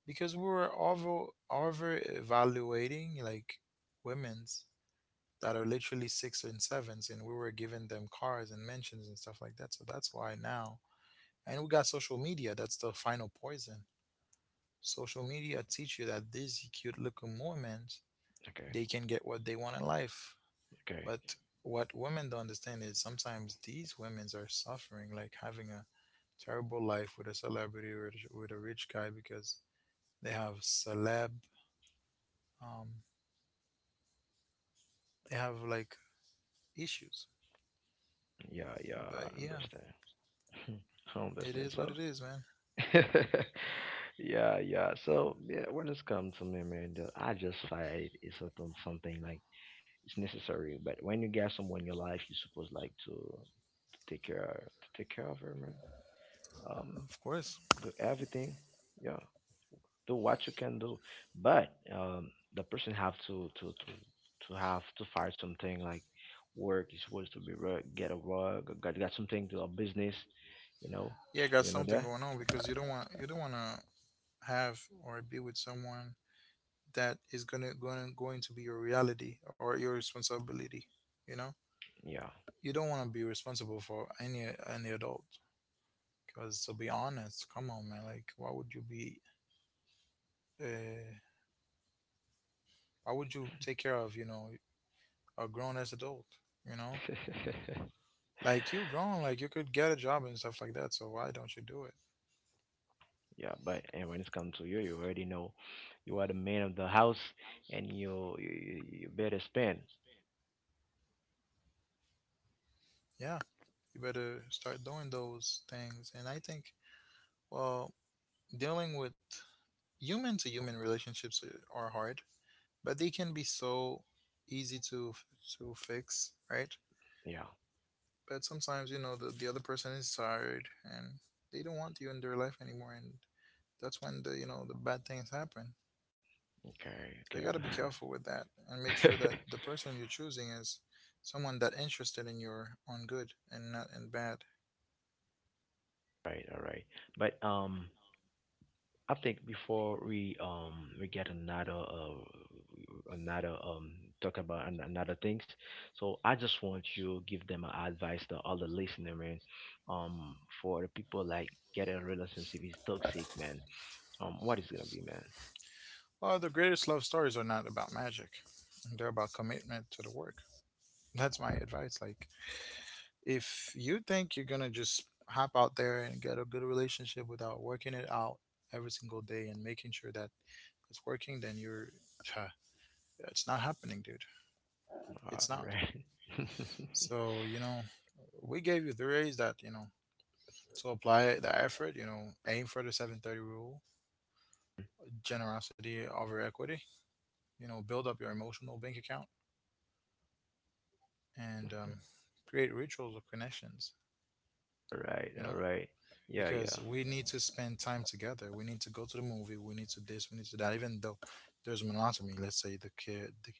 [SPEAKER 2] because we were over evaluating like women's that are literally six and sevens, and we were giving them cars and mentions and stuff like that. So that's why now, and we got social media. That's the final poison. Social media teach you that these cute looking women,
[SPEAKER 1] Okay.
[SPEAKER 2] they can get what they want in life.
[SPEAKER 1] Okay.
[SPEAKER 2] But what women don't understand is sometimes these women are suffering, like having a terrible life with a celebrity or with a rich guy because they have um, they have like issues.
[SPEAKER 1] Yeah. Yeah.
[SPEAKER 2] But
[SPEAKER 1] I
[SPEAKER 2] yeah,
[SPEAKER 1] understand. I
[SPEAKER 2] it
[SPEAKER 1] understand.
[SPEAKER 2] is what
[SPEAKER 1] So,
[SPEAKER 2] it is, man.
[SPEAKER 1] yeah. Yeah. So, yeah. When it's come to me, man, I just find it's something, like it's necessary. But when you get someone in your life, you supposed like to take care of her, man. Um,
[SPEAKER 2] Of course.
[SPEAKER 1] do everything. Yeah. Do what you can do, but the person have to have to find something like work is supposed to be rug, get a rug or got something to a business, you know,
[SPEAKER 2] Yeah, got
[SPEAKER 1] you know
[SPEAKER 2] something
[SPEAKER 1] that.
[SPEAKER 2] going on because you don't want to have or be with someone that is gonna going to be your reality or your responsibility, you know.
[SPEAKER 1] Yeah.
[SPEAKER 2] You don't want to be responsible for any adult because, to be honest, come on man, like why would you be uh why would you take care of, you know, a grown as adult, you know, like you grown, like you could get a job and stuff like that, so why don't you do it?
[SPEAKER 1] yeah, but and when it's come to you, you already know you are the man of the house, and you better spend.
[SPEAKER 2] Yeah, you better start doing those things. And I think, well, dealing with human to human relationships are hard, but they can be so easy to fix, right?
[SPEAKER 1] Yeah.
[SPEAKER 2] But sometimes you know the other person is tired and they don't want you in their life anymore, and that's when the, you know, the bad things happen. So you got to
[SPEAKER 1] Okay.
[SPEAKER 2] be careful with that and make sure that
[SPEAKER 1] Okay.
[SPEAKER 2] the person you're choosing is someone that interested in your own good and not in bad.
[SPEAKER 1] right, all right. But I think before we get another another talk about another things, so I just want you give them a advice to all the listener, man, um, for the people like getting a relationship is toxic, man, um, what is gonna be, man?
[SPEAKER 2] Well, the greatest love stories are not about magic; they're about commitment to the work. That's my advice. Like, if you think you're gonna just hop out there and get a good relationship without working it out every single day and making sure that it's working, then you're it's not happening, dude.
[SPEAKER 1] All
[SPEAKER 2] It's not.
[SPEAKER 1] right. all
[SPEAKER 2] So you know, we gave you the raise that, you know, to apply the effort. You know, aim for the seven thirty rule, generosity over equity. You know, build up your emotional bank account and create rituals of connections.
[SPEAKER 1] right,
[SPEAKER 2] You
[SPEAKER 1] all
[SPEAKER 2] know,
[SPEAKER 1] right. yeah,
[SPEAKER 2] because
[SPEAKER 1] yeah,
[SPEAKER 2] we need to spend time together. We need to go to the movie. We need to this. We need to that. Even though there's monotony, let's say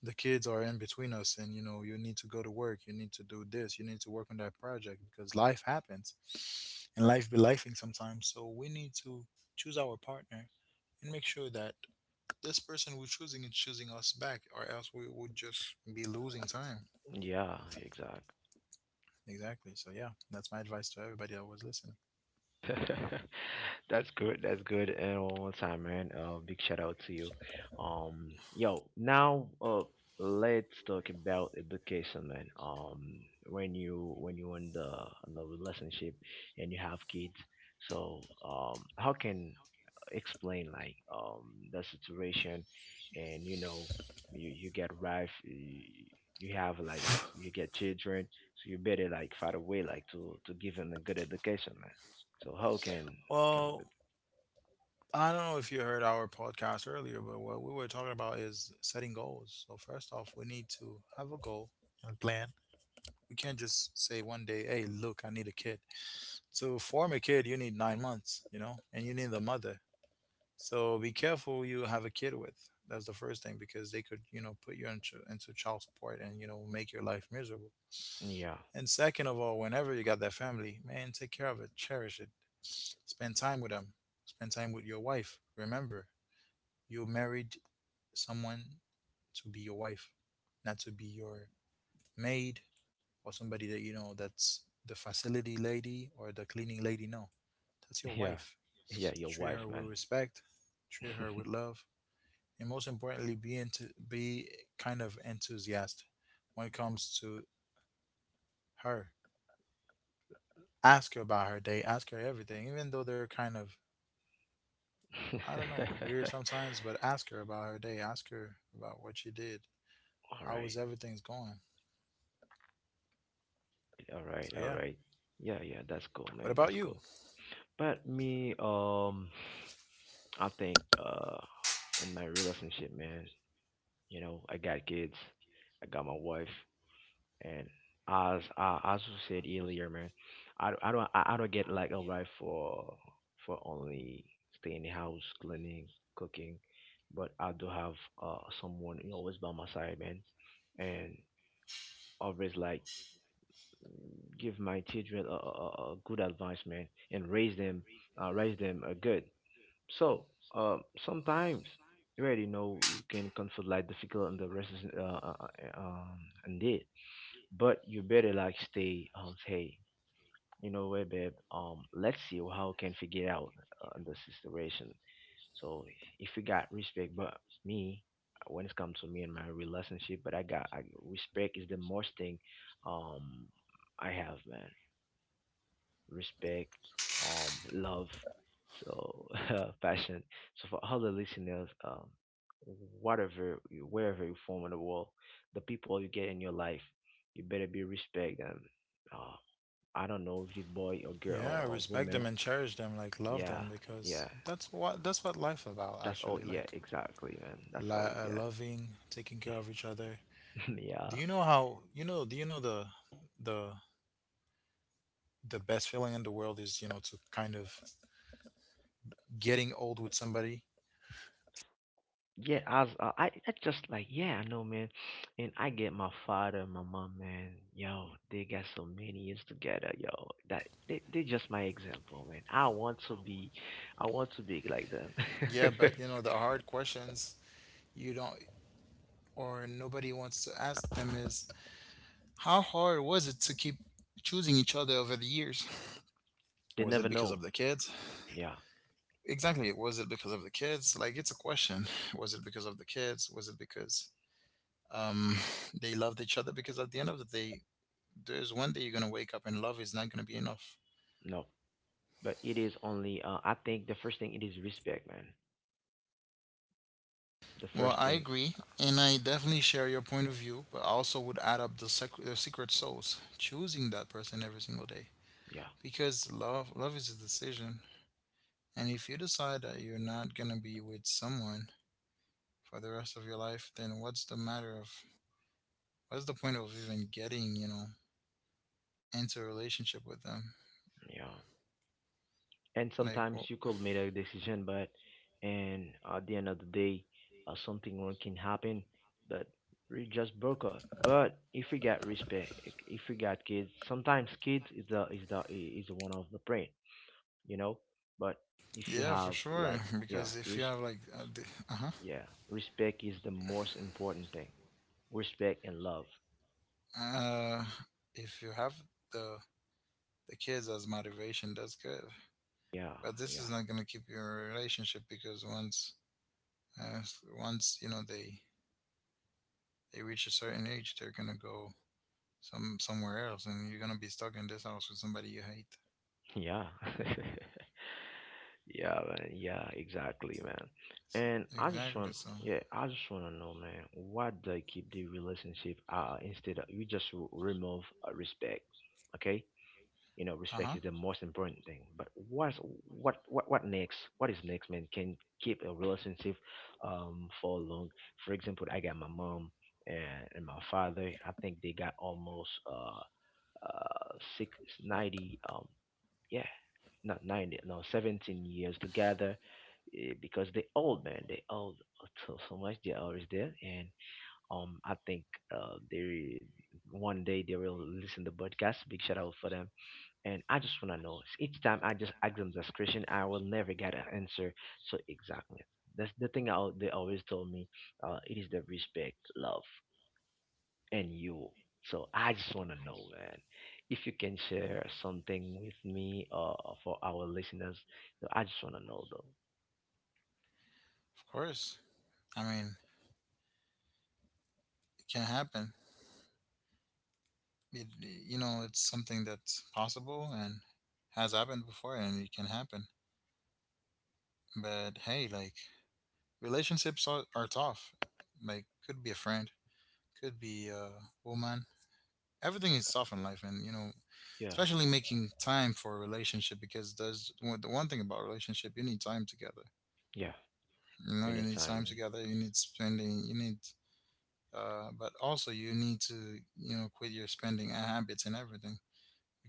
[SPEAKER 2] the kids are in between us, and you know you need to go to work. You need to do this. You need to work on that project because life happens, and life be lifing sometimes. So we need to choose our partner and make sure that this person we're choosing is choosing us back, or else we would just be losing time.
[SPEAKER 1] yeah, exactly.
[SPEAKER 2] Exactly. So yeah, that's my advice to everybody that was listening.
[SPEAKER 1] That's good. That's good. And one more time, man. Big shout out to you. Yo, now, let's talk about education, man. When you in the relationship and you have kids, so how can explain like the situation, and you know you get wife, you have like you get children, so you better like find a way like to give them a good education, man. So how can can.
[SPEAKER 2] Well, I don't know if you heard our podcast earlier, but what we were talking about is setting goals. So first off, we need to have a goal and plan. We can't just say one day, "Hey, look, I need a kid." To form a kid, you need 9 months, you know, and you need a mother. So be careful who you have a kid with. That's the first thing because they could, you know, put you into, child support and, you know, make your life miserable.
[SPEAKER 1] Yeah.
[SPEAKER 2] And second of all, whenever you got that family, man, take care of it, cherish it, spend time with them, spend time with your wife. Remember, you married someone to be your wife, not to be your maid or somebody that you know that's the facility lady or the cleaning lady. No, that's your
[SPEAKER 1] yeah,
[SPEAKER 2] wife.
[SPEAKER 1] yeah, your
[SPEAKER 2] Treat
[SPEAKER 1] wife,
[SPEAKER 2] her with
[SPEAKER 1] man.
[SPEAKER 2] respect, treat her with love, and most importantly be into be kind of enthusiastic when it comes to her. Ask her about her day, ask her everything, even though they're kind of, I don't know, weird sometimes, but ask her about her day, ask her about what she did,
[SPEAKER 1] all
[SPEAKER 2] how is
[SPEAKER 1] right,
[SPEAKER 2] everything's going.
[SPEAKER 1] all
[SPEAKER 2] So
[SPEAKER 1] right,
[SPEAKER 2] yeah,
[SPEAKER 1] all right. Yeah, yeah, that's cool,
[SPEAKER 2] what
[SPEAKER 1] man.
[SPEAKER 2] about
[SPEAKER 1] That's
[SPEAKER 2] you?
[SPEAKER 1] cool. But me, I think in my relationship, man, you know, I got kids, I got my wife, and as you said earlier, man, I don't get like a wife for only staying in the house, cleaning, cooking, but I do have someone, you know, always by my side, man, and always like give my children a good advice, man, and raise them good. So sometimes you already know you can confront like difficult, and the rest is uh, um indeed. But you better like stay hey, you know what babe, um, let's see how can we get out on the situation. So if you got respect but me, when it comes to me and my relationship, but I got respect is the most thing um I have, man. Respect, love, so passion. So for all the listeners, whatever, wherever you form in the world, the people you get in your life, you better be respect them. Uh, I don't know if it's boy or girl
[SPEAKER 2] Yeah,
[SPEAKER 1] or
[SPEAKER 2] respect them
[SPEAKER 1] woman.
[SPEAKER 2] and cherish them, like love
[SPEAKER 1] Yeah,
[SPEAKER 2] them, because
[SPEAKER 1] yeah.
[SPEAKER 2] that's what life about
[SPEAKER 1] That's all.
[SPEAKER 2] actually,
[SPEAKER 1] Yeah,
[SPEAKER 2] like
[SPEAKER 1] exactly, man. That's all we got.
[SPEAKER 2] loving taking care of each other. Do
[SPEAKER 1] yeah,
[SPEAKER 2] you know how, you know, do you know the the the best feeling in the world is, you know, to kind of getting old with somebody?
[SPEAKER 1] yeah, I was, I just like, yeah, I know, man. And I get my father and my mom, man. Yo, they got so many years together, yo. That they just my example, man. I want to be like them.
[SPEAKER 2] Yeah, but you know the hard questions you don't, or nobody wants to ask them, is how hard was it to keep choosing each other over the years?
[SPEAKER 1] they
[SPEAKER 2] Was
[SPEAKER 1] never
[SPEAKER 2] it because
[SPEAKER 1] know.
[SPEAKER 2] of the kids?
[SPEAKER 1] Yeah.
[SPEAKER 2] Exactly, was it because of the kids? Like it's a question. Was it because of the kids? Was it because um they loved each other? Because at the end of the day, there's one day you're going to wake up and love is not going to be enough.
[SPEAKER 1] No. But it is only, I think the first thing it is respect, man. The
[SPEAKER 2] Well,
[SPEAKER 1] first
[SPEAKER 2] I
[SPEAKER 1] thing,
[SPEAKER 2] agree, and I definitely share your point of view, but I also would add up the secret souls choosing that person every single day.
[SPEAKER 1] yeah,
[SPEAKER 2] Because love is a decision, and if you decide that you're not gonna be with someone for the rest of your life, then what's the point of even getting, you know, into a relationship with them?
[SPEAKER 1] yeah. And
[SPEAKER 2] Like,
[SPEAKER 1] sometimes you
[SPEAKER 2] well,
[SPEAKER 1] could make a decision, but and at the end of the day, something wrong can happen. But we just broke up, but if we got respect, if we got kids, sometimes kids is is one of the brain, you know. But if you
[SPEAKER 2] yeah,
[SPEAKER 1] have
[SPEAKER 2] for sure.
[SPEAKER 1] like, yeah,
[SPEAKER 2] Because if you have like, uh huh,
[SPEAKER 1] yeah, respect is the most important thing, respect and love.
[SPEAKER 2] uh, if you have the kids as motivation, that's good.
[SPEAKER 1] Yeah.
[SPEAKER 2] But this
[SPEAKER 1] Yeah.
[SPEAKER 2] is not going to keep your relationship because once, uh, once you know they reach a certain age, they're going to go somewhere else and you're going to be stuck in this house with somebody you hate.
[SPEAKER 1] yeah. Yeah, man. Yeah, exactly, man.
[SPEAKER 2] So,
[SPEAKER 1] And I just want,
[SPEAKER 2] exactly. So
[SPEAKER 1] yeah, I just want to know, man, why they keep the relationship, instead of you just remove respect, okay? You know, respect is the
[SPEAKER 2] uh-huh.
[SPEAKER 1] most important thing. But what next? What is next, man? Can keep a relationship for long. For example, I got my mom and my father. I think they got almost six ninety yeah, not 90, no, 17 years together, because they old, man. They old so, so much. They're always there. And I think they one day they will listen to the podcast. Big shout out for them. And I just want to know, each time I just ask them this question, I will never get an answer. So, exactly. That's the thing I, they always told me. It is the respect, love and you. So I just want to know, man, if you can share something with me, for our listeners. So I just want to know, though.
[SPEAKER 2] Of course, I mean, it can happen. It, you know, it's something that's possible and has happened before and it can happen. But hey, like, relationships are tough, like could be a friend, could be a woman. Everything is tough in life and you know,
[SPEAKER 1] Yeah,
[SPEAKER 2] especially making time for a relationship because the one thing about relationship, you need time together,
[SPEAKER 1] yeah,
[SPEAKER 2] you know, you need
[SPEAKER 1] anytime,
[SPEAKER 2] time
[SPEAKER 1] man.
[SPEAKER 2] together, you need but also you need to, you know, quit your spending habits and everything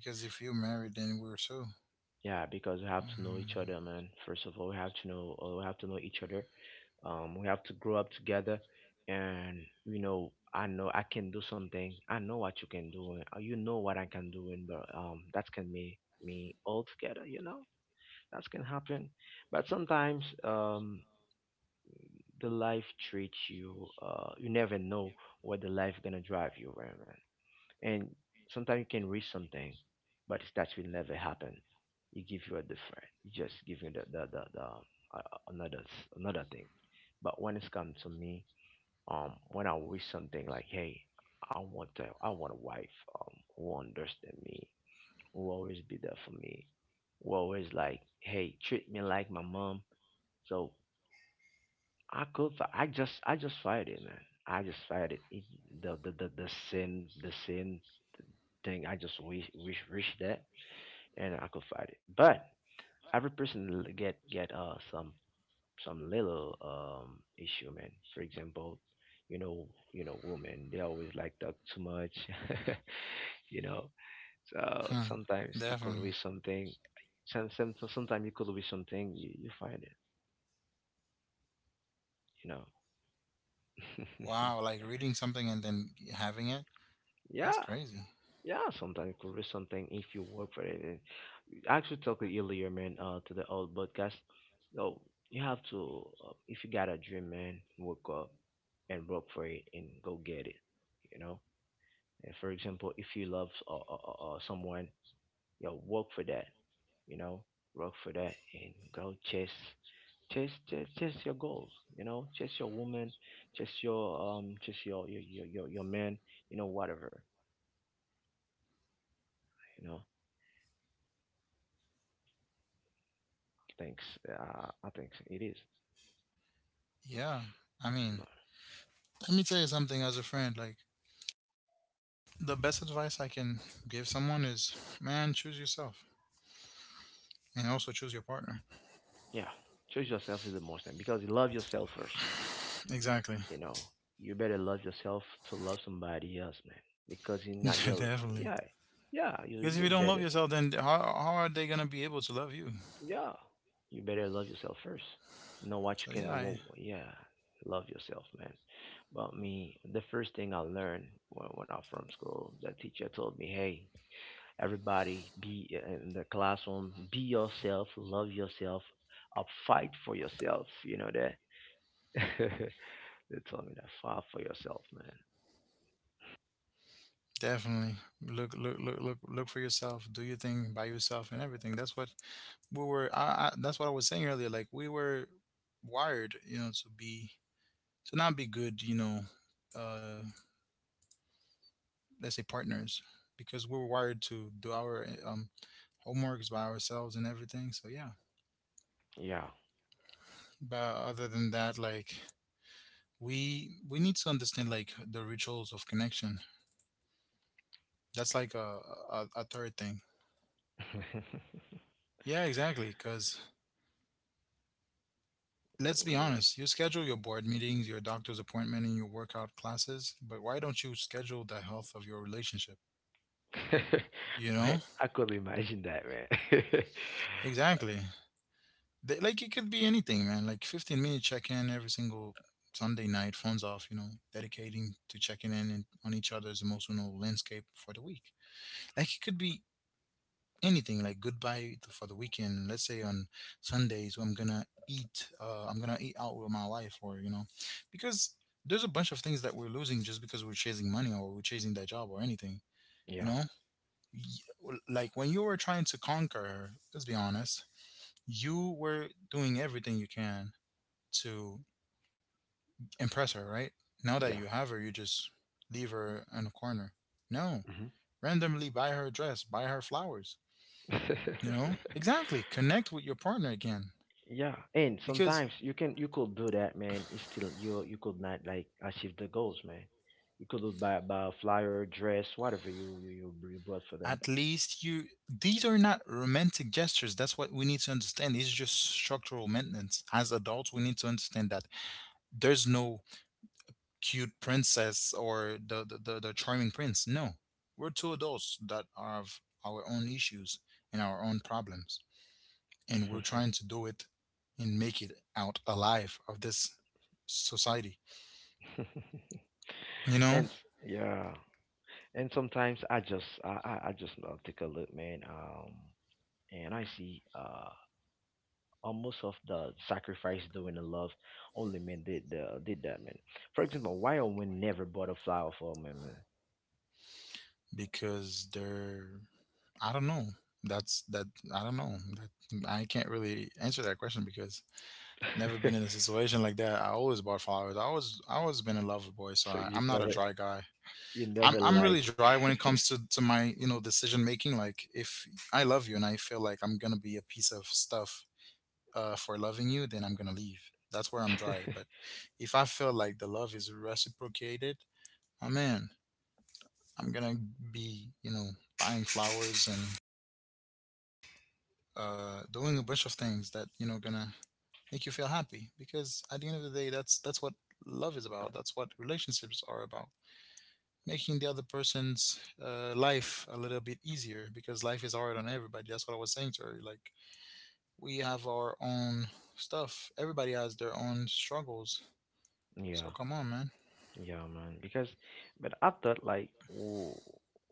[SPEAKER 2] because if you're married then we're so.
[SPEAKER 1] Yeah, because we have to know each other,
[SPEAKER 2] Mm,
[SPEAKER 1] man. First of all, we have to know we have to know each other. We have to grow up together, and you know I can do something. I know what you can do. You know what I can do, and but that can make me all together. You know, that can happen. But sometimes the life treats you, you never know where the life gonna drive you, right, man? And sometimes you can reach something but that will never happen. You give you a different, you just give you the another another thing. But when it's come to me, when I wish something like hey, I want a wife, who will understand me, who will always be there for me, who always like hey treat me like my mom. So I could. I just fired it, man. I just fired it. The sin the same thing. I just wish that, and I could fight it. But every person get uh, some little issue, man. For example, you know, you know women they always like talk too much, you know. So
[SPEAKER 2] huh,
[SPEAKER 1] sometimes you could
[SPEAKER 2] definitely.
[SPEAKER 1] read something. Sometimes you could read something. You find it, you know.
[SPEAKER 2] Wow, like reading something and then having it, that's
[SPEAKER 1] yeah.
[SPEAKER 2] crazy.
[SPEAKER 1] Yeah, sometimes it could be something if you work for it. And I actually talked earlier, man, to the old podcast. No, you have to, if you got a dream, man, work up and work for it and go get it, you know? And for example, if you love someone, you know, work for that, you know? Work for that and go chase, chase, chase your goals, you know? Chase your woman, chase your, chase your man, you know, whatever, you know? Thanks. I think it is.
[SPEAKER 2] Yeah, I mean,
[SPEAKER 1] No.
[SPEAKER 2] let me tell you something as a friend, like, the best advice I can give someone is, man, choose yourself and also choose your partner.
[SPEAKER 1] Yeah. Choose yourself is the most thing because you love yourself first.
[SPEAKER 2] Exactly.
[SPEAKER 1] You know, you better love yourself to love somebody else, man. Because you're not your...
[SPEAKER 2] definitely.
[SPEAKER 1] yeah, yeah, you
[SPEAKER 2] Because if
[SPEAKER 1] you
[SPEAKER 2] you don't love
[SPEAKER 1] better.
[SPEAKER 2] yourself, then how are they gonna be able to love you?
[SPEAKER 1] Yeah, you better love yourself first. Know what you
[SPEAKER 2] So yeah,
[SPEAKER 1] can...
[SPEAKER 2] I
[SPEAKER 1] yeah, love yourself, man. But me, the first thing I learned when I was from school, the teacher told me, hey, everybody be in the classroom, be yourself, love yourself up, fight for yourself, you know that. They told me that, fight for yourself, man.
[SPEAKER 2] definitely look for yourself. Do your thing by yourself and everything. That's what we were. That's what I was saying earlier. Like we were wired, you know, to be to not be good, you know, uh, let's say partners, because we were wired to do our homeworks by ourselves and everything. So yeah.
[SPEAKER 1] Yeah.
[SPEAKER 2] But other than that, like we need to understand like the rituals of connection. That's like a third thing. Yeah, exactly. Because let's be honest, you schedule your board meetings, your doctor's appointment, and your workout classes, but why don't you schedule the health of your relationship? You
[SPEAKER 1] But
[SPEAKER 2] know,
[SPEAKER 1] I could imagine that, man.
[SPEAKER 2] exactly. They, like it could be anything, man. Like 15 minute check in every single Sunday night, phones off. You know, dedicating to checking in and on each other's emotional landscape for the week. Like it could be anything like goodbye to, for the weekend. Let's say on Sundays, I'm gonna eat. I'm gonna eat out with my wife, or you know, because there's a bunch of things that we're losing just because we're chasing money or we're chasing that job or anything. You
[SPEAKER 1] Yeah,
[SPEAKER 2] know, Y- like when you were trying to conquer her. Let's be honest, you were doing everything you can to impress her, right? Now that you
[SPEAKER 1] yeah.
[SPEAKER 2] have her, you just leave her in a corner. No,
[SPEAKER 1] Hmm.
[SPEAKER 2] randomly buy her a dress, buy her flowers. You know, exactly. Connect with your partner again
[SPEAKER 1] Yeah, and
[SPEAKER 2] because
[SPEAKER 1] sometimes you can, you could do that, man. It's still, you could not like achieve the goals, man. You could buy, buy a flyer dress, whatever you bought for them.
[SPEAKER 2] at least you, these are not romantic gestures. That's what we need to understand. These are just structural maintenance. As adults we need to understand that there's no cute princess or the charming prince. No, we're two adults that have our own issues and our own problems, and we're trying to do it and make it out alive of this society, you know?
[SPEAKER 1] Yeah, and sometimes I just I just take a look, man. And I see uh, almost of the sacrifice doing the love, only men did that, man. For example, why a woman never bought a flower for a man,
[SPEAKER 2] Because they're, I don't know. That's that, I don't know. That I can't really answer that question because, never
[SPEAKER 1] man?
[SPEAKER 2] been in a situation like that. I always bought flowers. I always been a lover boy, so
[SPEAKER 1] So
[SPEAKER 2] I,
[SPEAKER 1] you
[SPEAKER 2] I'm not a
[SPEAKER 1] never,
[SPEAKER 2] dry guy.
[SPEAKER 1] you
[SPEAKER 2] I'm
[SPEAKER 1] never
[SPEAKER 2] I'm
[SPEAKER 1] like...
[SPEAKER 2] really dry when it comes to my, you know, decision making. Like if I love you and I feel like I'm gonna be a piece of stuff for loving you, then I'm gonna leave. That's where I'm dry. But if I feel like the love is reciprocated, my man, I'm gonna be, you know, buying flowers and doing a bunch of things that you know gonna make you feel happy, because at the end of the day that's what love is about. That's what relationships are about: making the other person's life a little bit easier, because life is hard on everybody. That's what I was saying to her. Like, we have our own stuff. Everybody has their own struggles. So
[SPEAKER 1] Yeah.
[SPEAKER 2] come on, man.
[SPEAKER 1] Yeah, man. Because, but I thought like, ooh,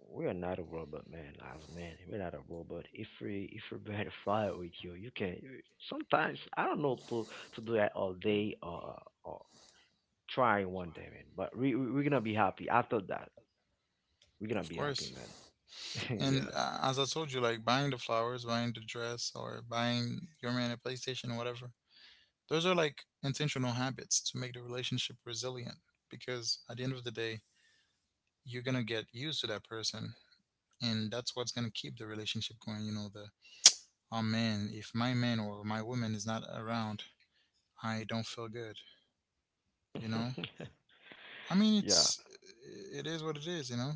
[SPEAKER 1] we are not a robot, man. As man, we're not a robot. If we bear to fire with you, you can. You... sometimes I don't know to do that all day or try one day, man. But we're gonna be happy after that. We're gonna
[SPEAKER 2] Of
[SPEAKER 1] be happy,
[SPEAKER 2] course.
[SPEAKER 1] man.
[SPEAKER 2] And as I told you, like buying the flowers, buying the dress, or buying your man a PlayStation or whatever. Those are like intentional habits to make the relationship resilient, because at the end of the day, you're going to get used to that person, and that's what's going to keep the relationship going. You know, the, oh man, if my man or my woman is not around, I don't feel good, you know?
[SPEAKER 1] Yeah.
[SPEAKER 2] I mean,
[SPEAKER 1] Yeah.
[SPEAKER 2] it's, it is what it is, you know?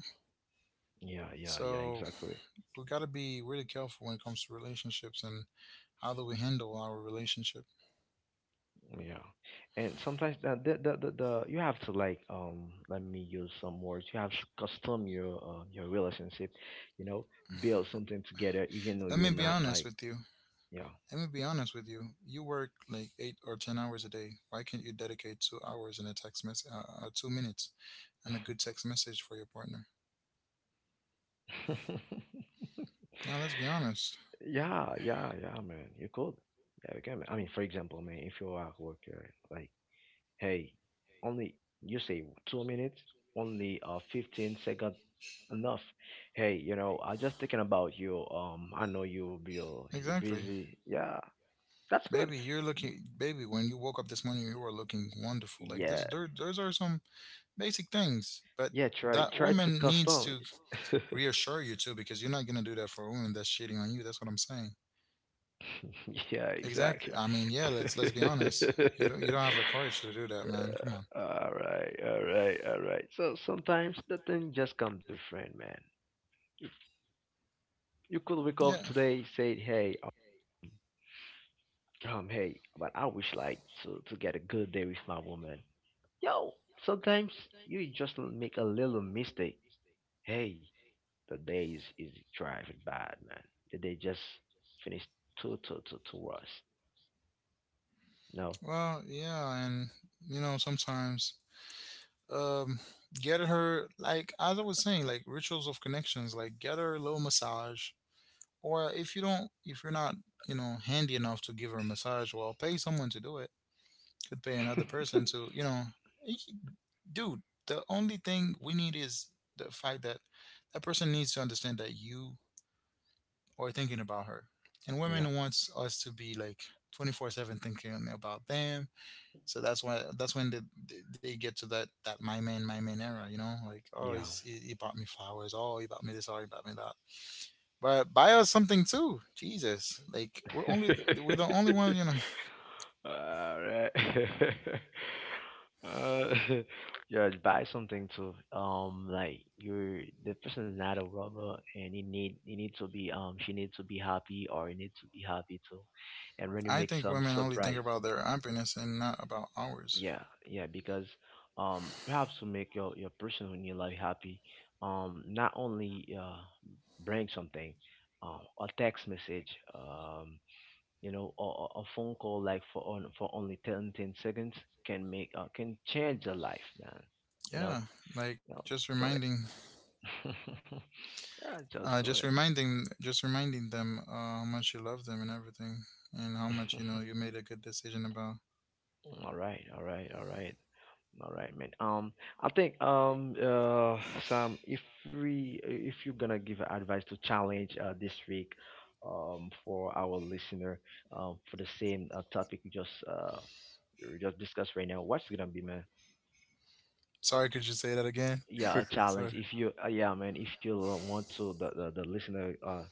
[SPEAKER 1] Yeah. Yeah. Yeah.
[SPEAKER 2] So,
[SPEAKER 1] Exactly.
[SPEAKER 2] we got to be really careful when it comes to relationships and how do we handle our relationship.
[SPEAKER 1] Yeah, and sometimes the you have to like, let me use some words. You have to custom your relationship, you know, build something together, even though
[SPEAKER 2] Let
[SPEAKER 1] you're
[SPEAKER 2] me be
[SPEAKER 1] not
[SPEAKER 2] honest
[SPEAKER 1] like...
[SPEAKER 2] with you.
[SPEAKER 1] yeah.
[SPEAKER 2] Let me be honest with you. You work like 8 or 10 hours a day. Why can't you dedicate 2 hours and a text mess 2 minutes and a good text message for your partner? Now let's be honest.
[SPEAKER 1] Yeah, yeah, yeah, man. You could, yeah, you can, man. I mean, for example, man, if you're at work, like, hey, only, you say 2 minutes, only 15-second enough. Hey, you know, I just thinking about you. I know you're
[SPEAKER 2] Exactly,
[SPEAKER 1] busy. Yeah, that's good.
[SPEAKER 2] baby. You're looking, baby. When you woke up this morning, you were looking wonderful. Like
[SPEAKER 1] Yeah,
[SPEAKER 2] this, there, those are some basic things. But
[SPEAKER 1] yeah. Try,
[SPEAKER 2] that
[SPEAKER 1] try to
[SPEAKER 2] woman needs
[SPEAKER 1] custom.
[SPEAKER 2] to reassure you too, because you're not gonna do that for a woman that's cheating on you. That's what I'm saying.
[SPEAKER 1] Yeah,
[SPEAKER 2] Exactly.
[SPEAKER 1] exactly.
[SPEAKER 2] I mean, yeah. Let's be honest. You don't have the courage to do that, man. Come on.
[SPEAKER 1] All right, all right, all right. So sometimes the thing just come different, man. You could wake up
[SPEAKER 2] Yeah.
[SPEAKER 1] today, say, "Hey, hey, but I wish like to get a good day with my woman." Yo, sometimes you just make a little mistake. Hey, the day is driving bad, man. The day just finished too worse. No.
[SPEAKER 2] Well, yeah, and you know, sometimes um get her, like as I was saying, like rituals of connections, like get her a little massage. Or if you don't, if you're not, you know, handy enough to give her a massage, well, pay someone to do it. Could pay another person to, you know, y- dude, the only thing we need is the fact that that person needs to understand that you are thinking about her. And
[SPEAKER 1] Yeah,
[SPEAKER 2] women wants us to be like 24/7 thinking about them. So that's when they they get to that, that my man, my man era. You know, like oh
[SPEAKER 1] yeah.
[SPEAKER 2] he's, he bought me flowers, oh he bought me this, oh he bought me that. But buy us something too, Jesus! Like we're the only one, you know.
[SPEAKER 1] All right. Uh, yeah, buy something to, um, like, you're the person's not a robber, and he need to be, um, she needs to be happy or he needs to be happy too, and when you
[SPEAKER 2] I
[SPEAKER 1] make
[SPEAKER 2] think
[SPEAKER 1] some
[SPEAKER 2] women only think
[SPEAKER 1] surprise.
[SPEAKER 2] about their happiness and not about ours.
[SPEAKER 1] Yeah, yeah, because, um, you have to make your person in your life happy, um, not only uh, bring something, um, a text message, um, you know, or a phone call like for on for only 10 10 seconds can make can change a life, man, you know.
[SPEAKER 2] Yeah, like
[SPEAKER 1] You know, do it. Yeah, just do it.
[SPEAKER 2] just reminding them how much you love them and everything, and how much you know you made a good decision about.
[SPEAKER 1] All right, all right, all right. All right, man. I think Sam, if we if you're gonna give advice to challenge this week, um, for our listener, um, for the same topic we just discussed right now, what's it gonna be, man?
[SPEAKER 2] Sorry, could you say that again?
[SPEAKER 1] Yeah, a
[SPEAKER 2] Sorry.
[SPEAKER 1] challenge. If you yeah, man, if you want to the listener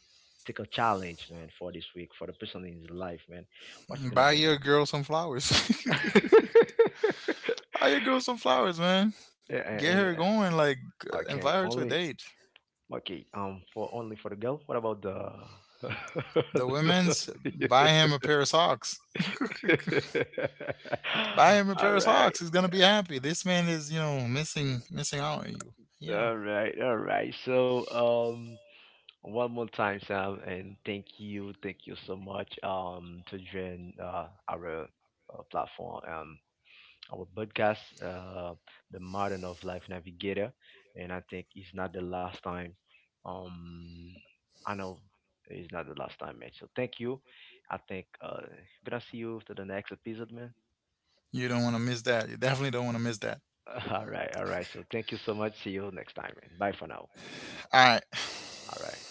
[SPEAKER 1] take a challenge, man, for this week for the person in his life, man, what's it gonna
[SPEAKER 2] Buy
[SPEAKER 1] be,
[SPEAKER 2] your
[SPEAKER 1] man?
[SPEAKER 2] girl some flowers. Buy your girl some flowers, man.
[SPEAKER 1] Yeah,
[SPEAKER 2] Get her
[SPEAKER 1] and
[SPEAKER 2] going. Like, invite
[SPEAKER 1] okay,
[SPEAKER 2] her to a
[SPEAKER 1] only.
[SPEAKER 2] date.
[SPEAKER 1] Okay, for only for the girl. What about the?
[SPEAKER 2] The women's, buy him a pair of socks. Buy him a
[SPEAKER 1] All
[SPEAKER 2] pair of
[SPEAKER 1] right,
[SPEAKER 2] socks. He's gonna be happy. This man is, you know, missing out on you. Yeah,
[SPEAKER 1] all right, all right. So, one more time, Sam, and thank you so much, to join uh, our platform. Our podcast, the Modern of Life Navigator, and I think it's not the last time. Um, I know it's not the last time, man. So thank you. I think gonna see you to the next episode, man.
[SPEAKER 2] you don't want to miss that. You definitely don't want to miss that.
[SPEAKER 1] All right, all right. So thank you so much. See you next time, man. Bye for now.
[SPEAKER 2] All right.
[SPEAKER 1] All right.